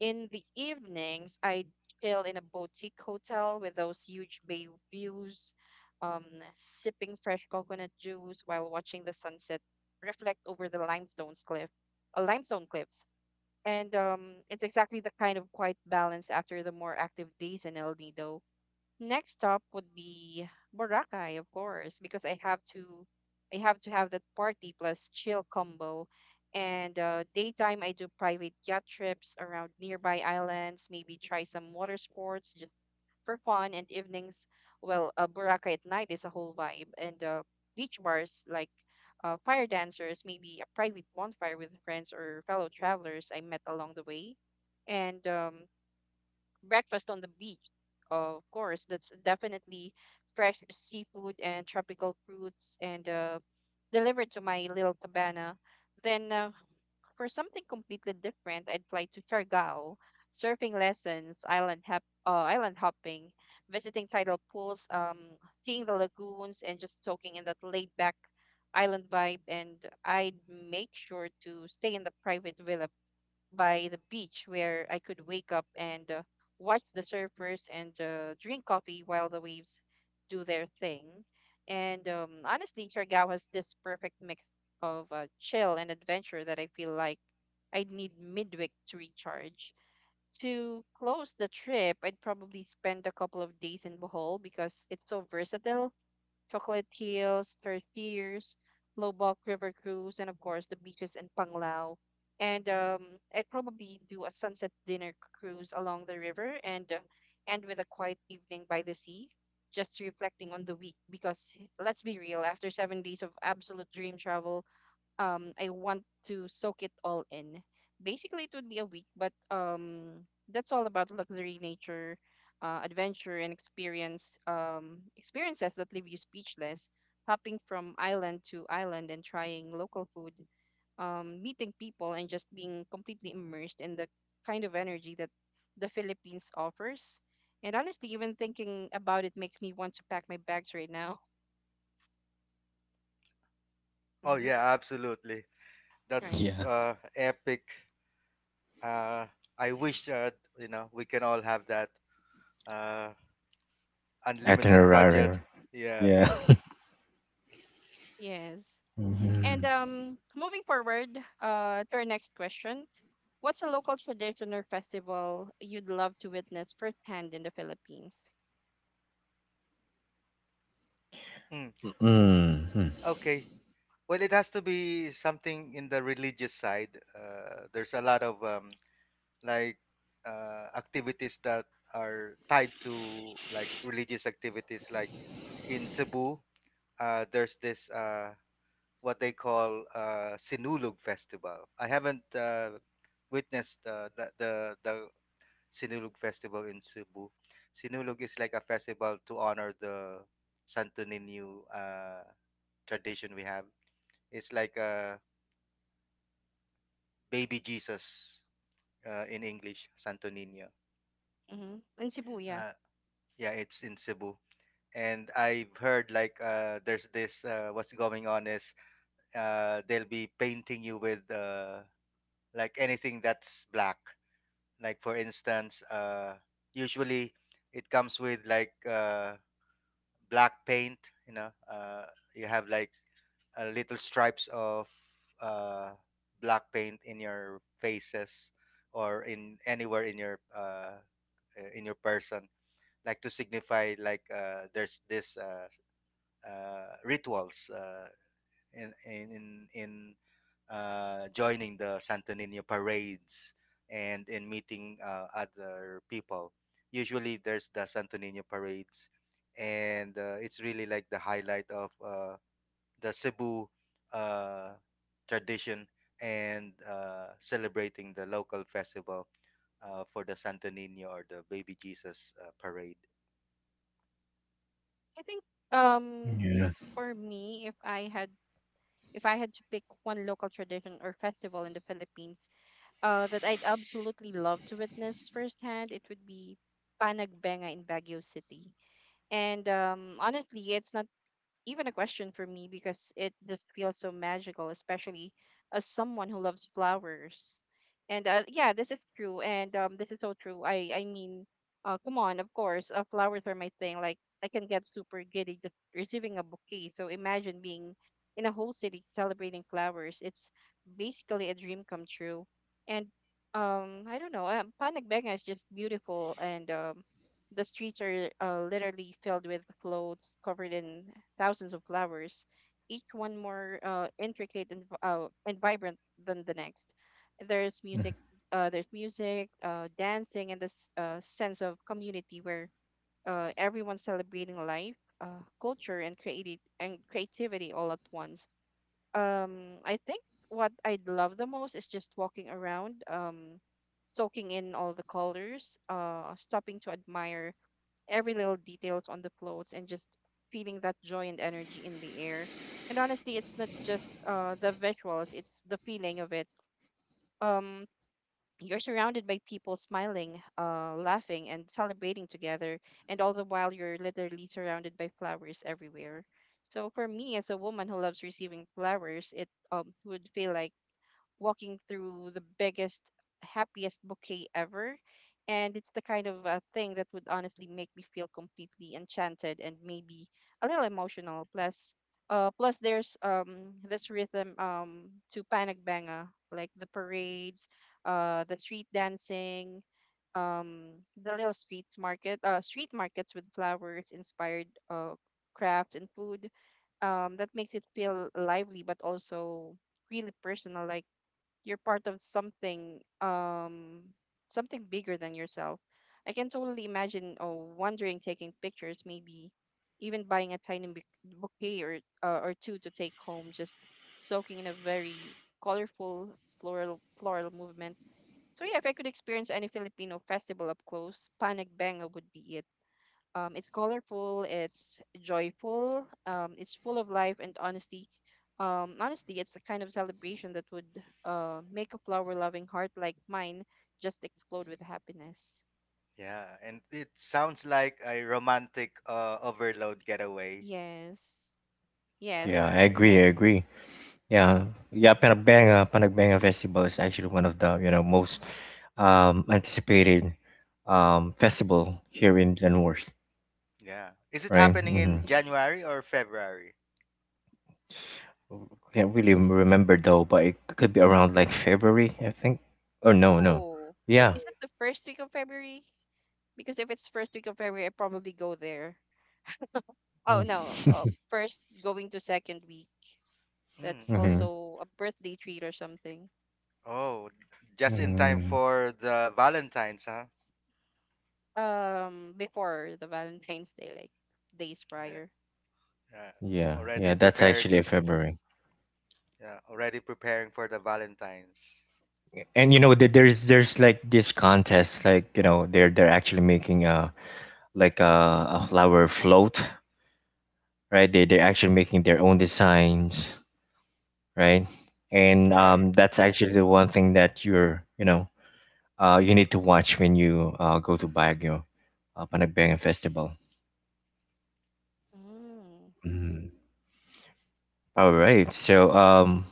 in the evenings, I chill in a boutique hotel with those huge bay views, um, sipping fresh coconut juice while watching the sunset reflect over the limestone's cliff, uh, limestone cliffs. And um, it's exactly the kind of quiet balance after the more active days in El Nido. Next stop would be Boracay, of course, because I have to I have to have that party plus chill combo. And uh, daytime, I do private yacht trips around nearby islands, maybe try some water sports just for fun. And evenings, well, uh, Boracay at night is a whole vibe. And uh, beach bars like uh, fire dancers, maybe a private bonfire with friends or fellow travelers I met along the way. And um, breakfast on the beach. Of course, that's definitely fresh seafood and tropical fruits and uh, delivered to my little cabana. Then, uh, for something completely different, I'd fly to Siargao, surfing lessons, island hop, uh, island hopping, visiting tidal pools, um, seeing the lagoons, and just soaking in that laid back island vibe. And I'd make sure to stay in the private villa by the beach where I could wake up and uh, watch the surfers and uh, drink coffee while the waves do their thing. And um, honestly, Siargao has this perfect mix of uh, chill and adventure that I feel like I need midweek to recharge. To close the trip, I'd probably spend a couple of days in Bohol because it's so versatile. Chocolate Hills, Tertius, Lobok River Cruise, and of course the beaches in Panglao. And um, I'd probably do a sunset dinner cruise along the river and uh, end with a quiet evening by the sea, just reflecting on the week. Because let's be real, after seven days of absolute dream travel, um I want to soak it all in. Basically, it would be a week, but um that's all about luxury, nature, uh, adventure, and experience um experiences that leave you speechless. Hopping from island to island and trying local food, um, meeting people, and just being completely immersed in the kind of energy that the Philippines offers. And honestly, even thinking about it makes me want to pack my bags right now. [LAUGHS]
Oh
hmm
yeah, absolutely. That's
Right.
Yeah.
uh, epic. Uh, I wish uh, you know we can all have that uh, unlimited budget.
Itinerary.
Yeah.
Yeah. [LAUGHS]
Yes. And
Hmm.
um, moving forward uh, to our next question, what's a local tradition or festival you'd love to witness firsthand in the Philippines?
Mm,
Hmm.
okay. Well, it has to be something in the religious side. Uh, there's a lot of um, like uh, activities that are tied to like religious activities. Like in Cebu, uh, there's this uh, what they call uh, Sinulog Festival. I haven't uh, witnessed uh, the, the the Sinulog Festival in Cebu. Sinulog is like a festival to honor the Santo Niño uh, tradition we have. It's like a baby Jesus uh, in English, Santo Niño.
Mm-hmm. In Cebu, yeah.
Uh, yeah, it's in Cebu. And I've heard like uh, there's this uh, what's going on is uh, they'll be painting you with uh, like anything that's black. Like for instance, uh, usually it comes with like uh, black paint. You know, uh, you have like uh, little stripes of uh, black paint in your faces or in anywhere in your uh, uh, in your person, like to signify like uh, there's this uh, uh, rituals uh, in in in in uh, joining the Santo Niño parades, and in meeting uh, other people. Usually, there's the Santo Niño parades, and uh, it's really like the highlight of uh, the Cebu uh, tradition and uh, celebrating the local festival uh, for the Santo Nino or the Baby Jesus uh, parade.
I think um,
Yeah.
for me, if I had if I had to pick one local tradition or festival in the Philippines uh, that I'd absolutely love to witness firsthand, it would be Panagbenga in Baguio City. And um, honestly, it's not even a question for me because it just feels so magical, especially as someone who loves flowers. And uh, yeah, this is true, and um, this is so true. I I mean, uh, come on, of course, uh, flowers are my thing. Like I can get super giddy just receiving a bouquet. So imagine being in a whole city celebrating flowers. It's basically a dream come true. And um, I don't know, um, Panagbenga is just beautiful and um, the streets are uh, literally filled with floats covered in thousands of flowers, each one more uh, intricate and, v- uh, and vibrant than the next. There's music, uh, there's music, uh, dancing, and this uh, sense of community where uh, everyone's celebrating life, uh, culture, and creative and creativity all at once. Um, I think what I would love the most is just walking around, um, soaking in all the colors, uh, stopping to admire every little details on the floats and just feeling that joy and energy in the air. And honestly, it's not just uh, the visuals, it's the feeling of it. Um, you're surrounded by people smiling, uh, laughing, and celebrating together, and all the while you're literally surrounded by flowers everywhere. So for me, as a woman who loves receiving flowers, it um, would feel like walking through the biggest, happiest bouquet ever. And it's the kind of uh, thing that would honestly make me feel completely enchanted and maybe a little emotional. Plus, uh, plus there's um this rhythm um to Panagbenga, like the parades, uh, the street dancing, um, the little street market, uh, street markets with flowers inspired uh crafts and food um, that makes it feel lively but also really personal like you're part of something um something bigger than yourself. I can totally imagine oh wandering taking pictures maybe even buying a tiny bou- bouquet or uh, or two to take home just soaking in a very colorful floral floral movement. So yeah, if I could experience any Filipino festival up close Panagbenga would be it. Um, it's colorful, it's joyful, um, it's full of life and honesty. Um, honestly, it's the kind of celebration that would uh, make a flower loving heart like mine just explode with happiness.
Yeah, and it sounds like a romantic uh, overload getaway,
Yes,
Yeah,
yes,
I
that's
right?
agree. I
correct.
agree. Yeah, yeah. Panagbenga. Panagbenga Festival is actually one of the, you know, most
Mhm.
um, anticipated um, festival here in Leavenworth,
Yeah. Is it
right?
happening
Hmm.
in January or February?
Can't really remember though, but it could be around like February, I think. Oh no, no,
Oh,
yeah.
is it the first week of February? Because if it's first week of February, I probably go there. Oh no,
[LAUGHS]
uh, first going to second week.
Mm,
That's
okay.
Mm-hmm.
also a birthday treat or something.
Oh, just in time
Hmm.
for the Valentine's, huh?
Um, before the Valentine's Day, like days
Yeah,
prior.
yeah.
Yeah, yeah,
Already
that's actually
preparing.
February.
Yeah, already preparing for the Valentine's.
And you know, there- there's there's like this contest, like, you know, they're they're actually making a like a, a flower float, right? They they're actually making their own designs, right? And
Right.
um, that's actually the one thing that you're, you know, uh, you need to watch when you, uh, go to Baguio, uh, Panagbenga Festival.
Mm.
Mhm. All right. So, um,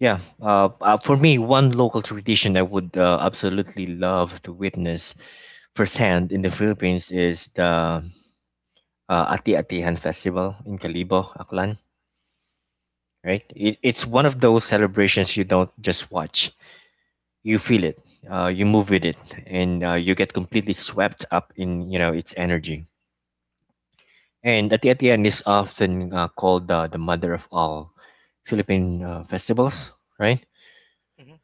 yeah, uh, uh, for me, one local tradition I would, uh, absolutely love to witness firsthand in the Philippines is the, uh, Ati-Atihan Festival in Calibo, Aklan, right? It, it's one of those celebrations you don't just watch. You feel it, uh, you move with it, and uh, you get completely swept up in, you know, its energy, and at the, at the end is often uh, called, uh, the mother of all philippine uh, festivals, right?
Hmm.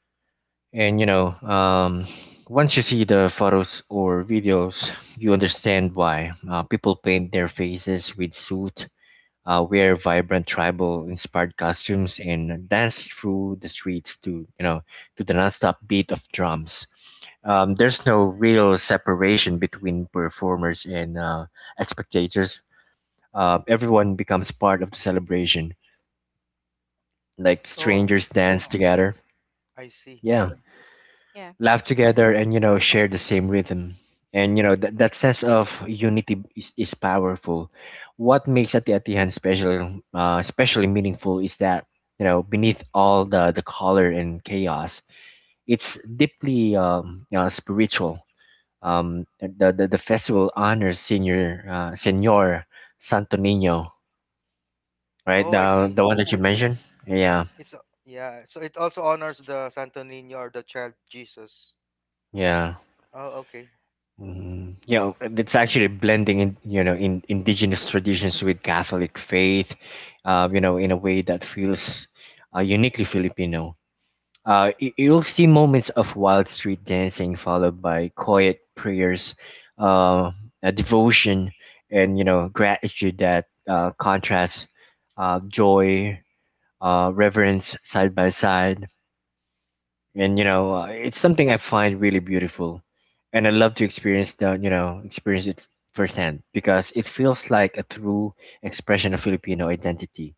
And you know, um, once you see the photos or videos, you understand why, uh, people paint their faces with soot, uh, wear vibrant tribal inspired costumes, and dance through the streets to, you know, to the nonstop beat of drums. Um, there's no real separation between performers and, uh, spectators. Uh, everyone becomes part of the celebration. Like
Oh,
Mm-hmm.
strangers dance together,
I see.
yeah,
Yeah.
laugh together, and you know, share the same rhythm. And you know that that sense of unity is, is powerful. What makes Ati Atihan special, uh, especially meaningful, is that, you know, beneath all the the color and chaos, it's deeply um, uh, spiritual. Um, the, the the festival honors senior uh, Senor Santo Nino, right?
Oh, I
The
see.
the one that you mentioned. Yeah,
It's a- yeah. So it also honors the Santo Niño or the Child Jesus.
yeah.
Oh, okay.
Mm, yeah, it's actually blending in, you know, in indigenous traditions with Catholic faith, uh, you know, in a way that feels uh, uniquely Filipino. Uh, y- you'll see moments of wild street dancing followed by quiet prayers, uh, a devotion, and you know gratitude that uh, contrasts uh, joy, uh, reverence side by side. and you know uh,
Mm.
it's something I find really beautiful, and I love to experience the you know experience it firsthand because it feels like a true expression of Filipino identity.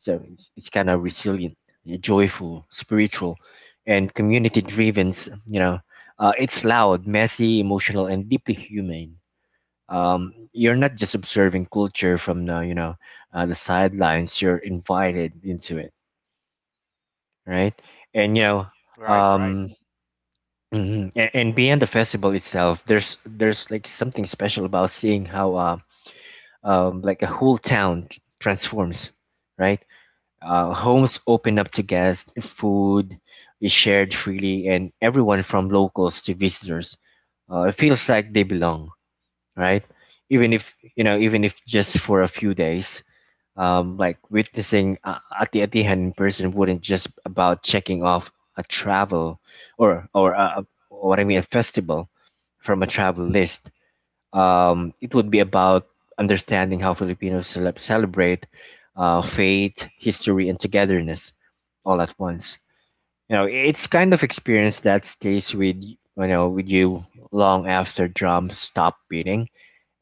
So it's, it's kind of resilient, joyful, spiritual, and community driven. S- you know uh, it's loud, messy, emotional, and deeply human. Um, you're not just observing culture from the you know uh, the sidelines, you're invited into it, right? and you know
Right, right.
um, hmm And, and beyond the festival itself, there's there's like something special about seeing how uh, um like a whole town t- transforms, right? Uh, homes open up to guests, food is shared freely, and everyone from locals to visitors, uh, it feels like they belong, right? Even if you know, even if just for a few days. Um, like witnessing a ati Atihan in person wouldn't just about checking off a travel or or a, a- what I mean a festival from a travel list. Um, it would be about understanding how Filipinos celeb celebrate uh, faith, history, and togetherness all at once. You know, it's kind of experience that stays with y- you know with you long after drums stop beating,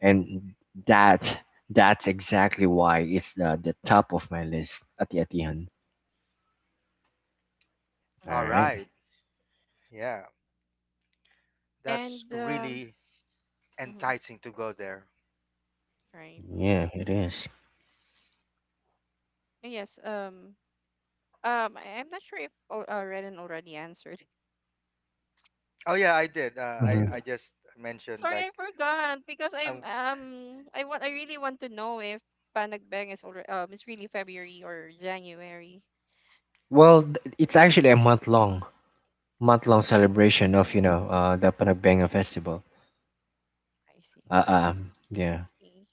and that that's exactly why it's the, the top of my list, ati Atihan. All
All
Mm-hmm.
right.
right. Yeah, that's
And um,
really
hmm
enticing to go there.
right.
Yeah, it is.
Yes. Um. Um. I, I'm not sure if al- uh, Renan already answered.
Oh yeah, I did. Uh, I I
Mhm.
just
[LAUGHS]
mentioned
Sorry,
like
I forgot because I'm
um
um. I want. I really want to know if Panagbang is already um. It's really February or January.
Well, th- it's actually a month long, month long celebration of you
Mm,
know uh, the Panagbenga festival.
I see.
Uh, uh, um, yeah.
Okay.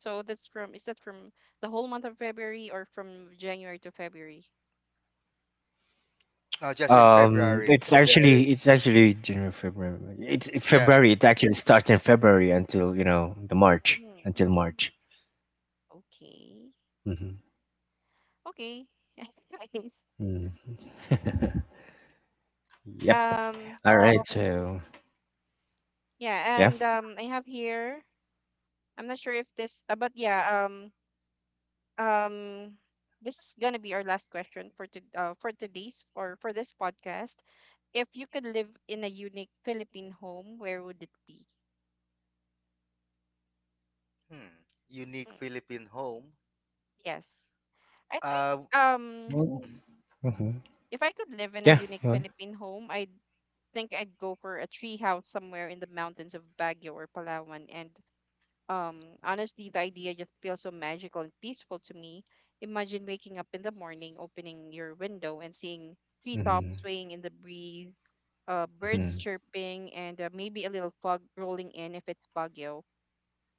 So that's from. Is that from the whole month of February or from January to February?
no, just in
Um,
February.
it's actually it's actually January, February. It's it's
Yeah.
February. It actually starts in February until you know the March until
Mm,
March.
okay.
Hmm.
Okay. [LAUGHS] Anyways,
Mm. [LAUGHS] Yep.
um,
All right. So
yeah,
yeah.
and um, I have here. I'm not sure if this, uh, but yeah, um, um, this is gonna be our last question for to, uh, for today's or for this podcast. If you could live in a unique Philippine home, where would it be?
Hmm. Unique
Hmm.
Philippine home.
Yes, I
Uh.
think um,
Mm-hmm.
Mhm.
if I could live in a
Yeah.
unique
Really.
Philippine home, I think I'd go for a tree house somewhere in the mountains of Baguio or Palawan, and um, honestly, the idea just feels so magical and peaceful to me. Imagine waking up in the morning, opening your window, and seeing
Hmm.
treetops swaying in the breeze, uh, birds
Hmm.
chirping, and uh, maybe a little fog rolling in if it's Baguio.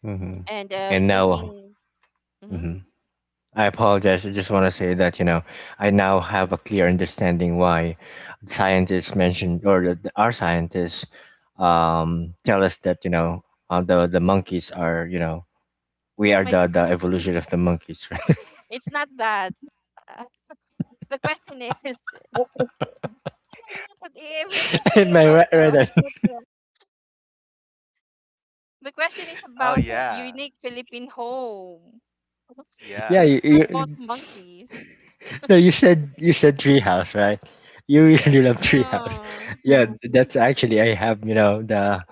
Hmm.
And uh,
Mm-hmm.
And
it's like
now,
being, hmm.
hmm, I apologize. I just want to say that you know I now have a clear understanding why scientists mentioned or the, the- our scientists um, tell us that you know uh, the the monkeys are you know we
[LAUGHS]
are
My,
the, the evolution of the monkeys. [LAUGHS] Right?
it's not that. Uh, the question is, [LAUGHS] but if we're questioning
Am I
about
right? Right
the,
on?
the question is
Oh
about
yeah.
unique Philippine home.
[LAUGHS] Yeah.
Yeah.
You,
It's not
Yeah.
about
you,
monkeys.
no, you said you said treehouse, right? You really love
Yes.
treehouse.
Yeah.
Yeah, that's actually I have you know the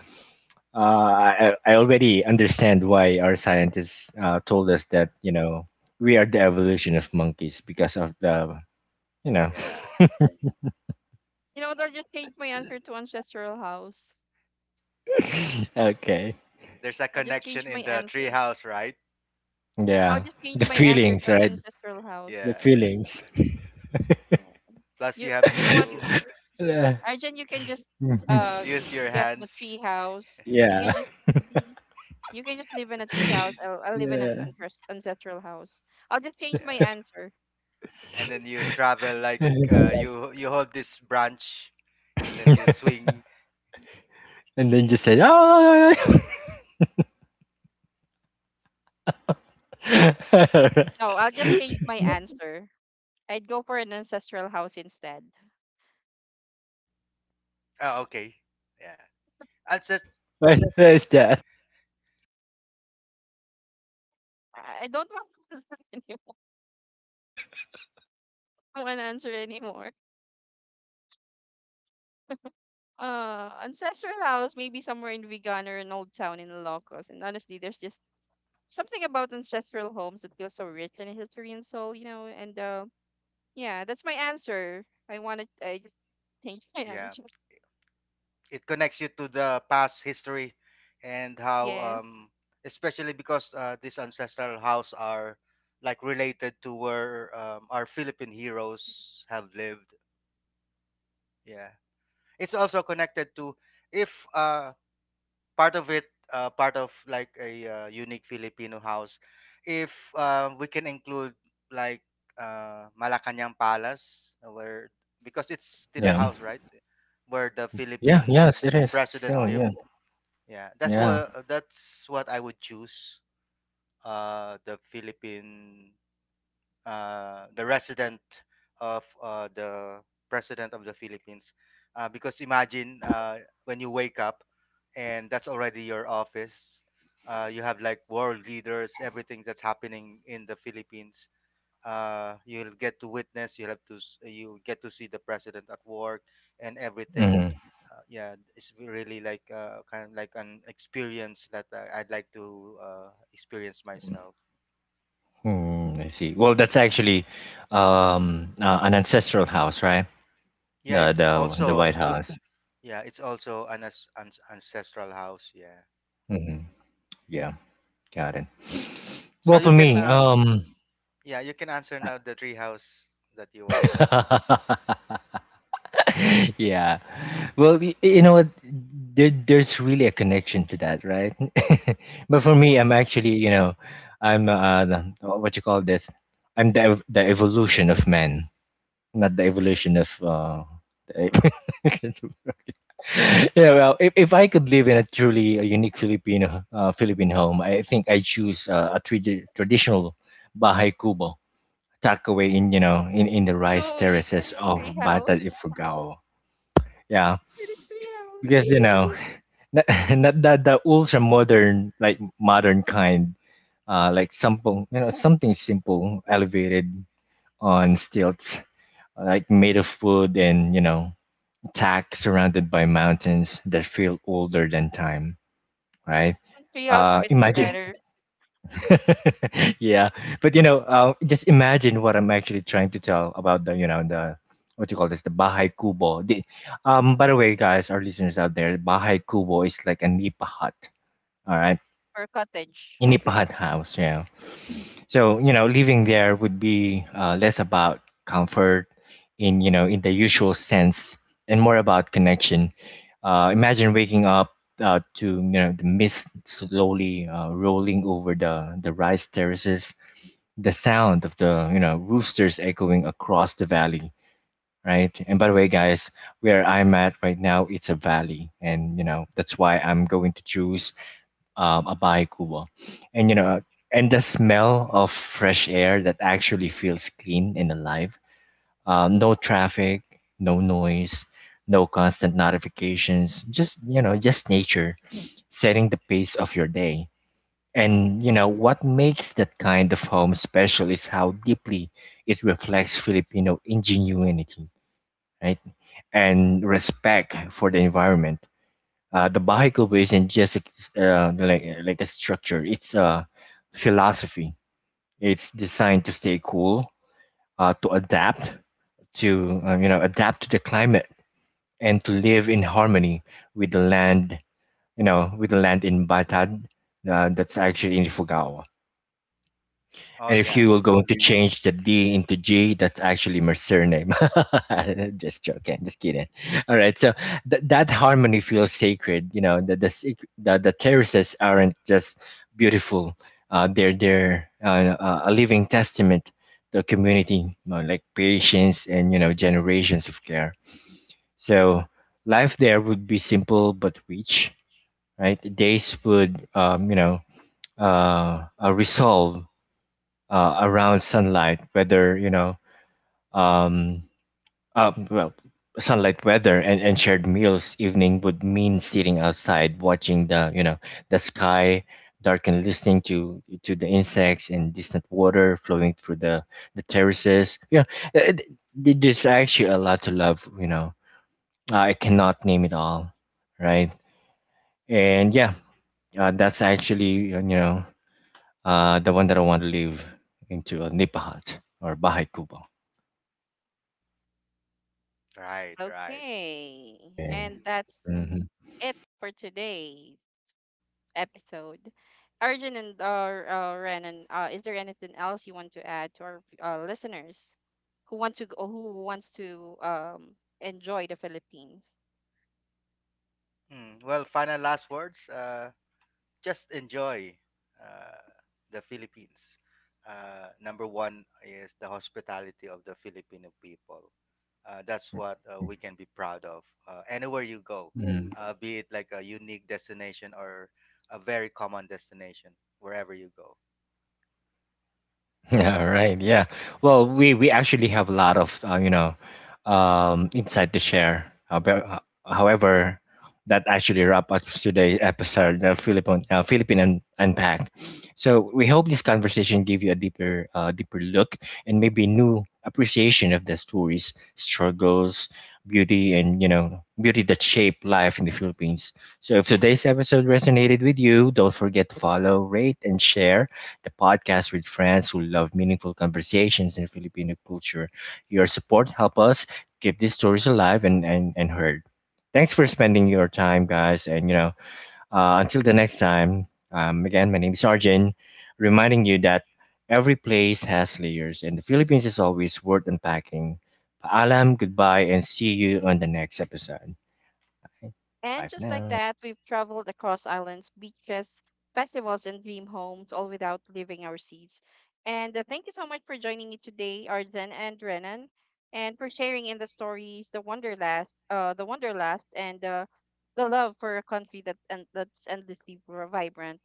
Uh, I, I already understand why our scientists uh, told us that, you know, we are the evolution of monkeys because of the, you know,
Yeah.
You know what? I'll just change my answer to ancestral house.
[LAUGHS] okay.
There's a
I'll just
connection
change my
in the tree
answer.
house, right?
I'll
Yeah.
just change
The
my answer
feelings,
to an
right?
ancestral
The
house.
Yeah. Yeah.
feelings.
No.
Plus,
You
you have
you know what?
to
[LAUGHS] yeah.
Arjun, you can just
[LAUGHS]
uh
use your
get the tree
hands.
house. You
Yeah.
can just you can just live in a tree house. I'll I'll live in an
Yeah.
ancest- ancestral house. I'll just change my
Yeah.
answer.
And then you travel
[LAUGHS]
like
And
uh, you you hold this branch, and then you swing.
then just said, oh, [LAUGHS]
No, I'll just change my answer. I'd go for an ancestral house instead.
Oh, okay. Yeah. I'll just
what is that?
I I don't want [LAUGHS] any- one answer anymore. Uh, ancestral house, maybe somewhere in Vigan or an old town in Ilocos. And honestly, there's just something about ancestral homes that feels so rich in history and soul, you know. And uh, yeah, that's my answer. I wanted, I just [LAUGHS] changed my
yeah.
answer.
It connects you to the past history and how um
Yes.
especially because uh, this ancestral house are like related to where um, our Philippine heroes have lived. Yeah, it's also connected to if uh part of it uh, part of like a uh, unique Filipino house, if um, we can include like uh, Malacanang Palace, uh, where because it's still a
Yeah.
house, right, where the
Yeah.
Yeah.
Yes,
Philippine
it is.
president
Still,
lived.
yeah.
Yeah, that's
Yeah.
what uh, that's what I would choose. Uh, the Philippine, uh, the resident of uh, the president of the Philippines, uh, because imagine uh, when you wake up, and that's already your office. Uh, you have like world leaders, everything that's happening in the Philippines. Uh, you'll get to witness. You will have to s- You get to see the president at work and everything.
Mhm.
Uh, yeah, it's really like uh, kind of like an experience that uh, I'd like to uh, experience myself.
Hmm, I see. Well, that's actually um, uh, an ancestral house, right?
Yeah,
The
it's
the the
also
White House.
yeah, it's also an as- an ancestral house. Yeah,
Hmm. Yeah, got it.
so
Well,
you
for
can
me,
um
um,
yeah, you can answer now the tree house that you want.
[LAUGHS] yeah. Well, y- you know what? There, there's really a connection to that, right? [LAUGHS] but for me, I'm actually, you know, I'm uh, the- what you call this? I'm the ev- the evolution of man, not the evolution of uh, the [LAUGHS] [LAUGHS] yeah, well, if, if I could live in a truly a unique Filipino uh, Philippine home, I think I choose uh, a tradi- traditional bahay kubo tucked away in you know in, in the rice
No, you said
terraces
it's
of
tree
Bata
house.
Ifugao. Yeah,
Said it's tree
because
house.
you know not, [LAUGHS] not that the ultra modern like modern kind, uh, like something you know something simple, elevated on stilts, like made of wood and you know tack, surrounded by mountains that feel older than time, right?
I think Tree house
Uh,
fits you
imagine
better,
[LAUGHS] yeah, but you know uh, just imagine what I'm actually trying to tell about the you know the what you call this, the bahay kubo, the, um by the way guys, our listeners out there, bahay kubo is like a nipa hut, all right,
or cottage,
a
or
nipa hut house, yeah. So you know, living there would be uh, less about comfort in you know in the usual sense, and more about connection. Uh, imagine waking up uh, to you know the mist slowly uh, rolling over the the rice terraces, the sound of the you know roosters echoing across the valley, right? And by the way, guys, where I'm at right now, it's a valley, and you know that's why I'm going to choose um, a bahaikubo. And you know, and the smell of fresh air that actually feels clean and alive. Um, no traffic, no noise, no constant notifications. Just you know, just nature setting the pace of your day. And you know what makes that kind of home special is how deeply it reflects Filipino ingenuity, right? And respect for the environment. Uh, the Baha'i isn't just a- uh, like uh, like a structure; it's a philosophy. It's designed to stay cool, uh, to adapt to uh, you know adapt to the climate, and to live in harmony with the land. You know, with the land in Batad, uh, that's actually in Ifugao.
Oh
And if
yeah,
you were going to change the D into G, that's actually my surname. [LAUGHS] Just joking, just kidding. All right, so th- that harmony feels sacred. You know, the the sec- the, the terraces aren't just beautiful; uh, they're they're uh, uh, a living testament to community, you know, like patience and you know generations of care. So life there would be simple but rich, right? Days would um, you know uh, uh, resolve uh, around sunlight, whether you know, um, uh, well, sunlight weather and, and shared meals, evening would mean sitting outside watching the you know the sky darken, listening to to the insects and distant water flowing through the the terraces, yeah. uh, th- there's actually a lot to love, you know. Uh, I cannot name it all, right. And yeah, uh, that's actually you know uh the one that I want to live into, a nipahat or bahay kubo.
right, right.
okay.
Yeah.
And that's
Mhm.
it for today. Episode. Arjun and uh, uh, Renan, uh, is there anything else you want to add to our uh, listeners who want to go, who wants to um, enjoy the Philippines?
Hmm. Well, final last words. Uh, just enjoy uh, the Philippines. Uh, number one is the hospitality of the Filipino people. Uh, that's what uh, we can be proud of. Uh, anywhere you go,
Mm.
uh, be it like a unique destination or a very common destination, wherever you go.
[LAUGHS] Yeah, right. Yeah. Well, we we actually have a lot of uh, you know um, insight to share. However, uh, however, that actually wrap up today's episode of Philippine uh, Philippine Un- Unpacked. So we hope this conversation gave you a deeper uh, deeper look and maybe new appreciation of the stories, struggles, beauty, and you know beauty that shape life in the Philippines. So if today's episode resonated with you, don't forget to follow, rate, and share the podcast with friends who love meaningful conversations in Filipino culture. Your support help us keep these stories alive and, and, and heard. Thanks for spending your time, guys. And, you know, uh, until the next time, um, again, my name is Arjun, reminding you that every place has layers, and the Philippines is always worth unpacking. Paalam, goodbye, and see you on the next episode.
And
Bye for
just like
now.
that, we've traveled across islands, beaches, festivals, and dream homes, all without leaving our seats. And uh, thank you so much for joining me today, Arjun and Renan, and for sharing in the stories, the wonderlust, uh, the wonderlust, and uh, the love for a country that and that's endlessly vibrant.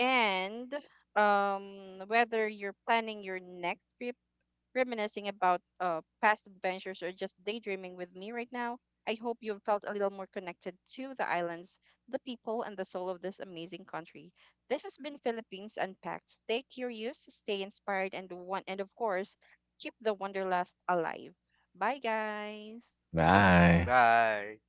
And um, whether you're planning your next trip, reminiscing about uh, past adventures, or just daydreaming with me right now, I hope you felt a little more connected to the islands, the people, and the soul of this amazing country. This has been Philippines Unpacked. Stay curious, stay inspired, and one, and of course, keep the wanderlust alive. Bye, guys.
Bye.
Bye.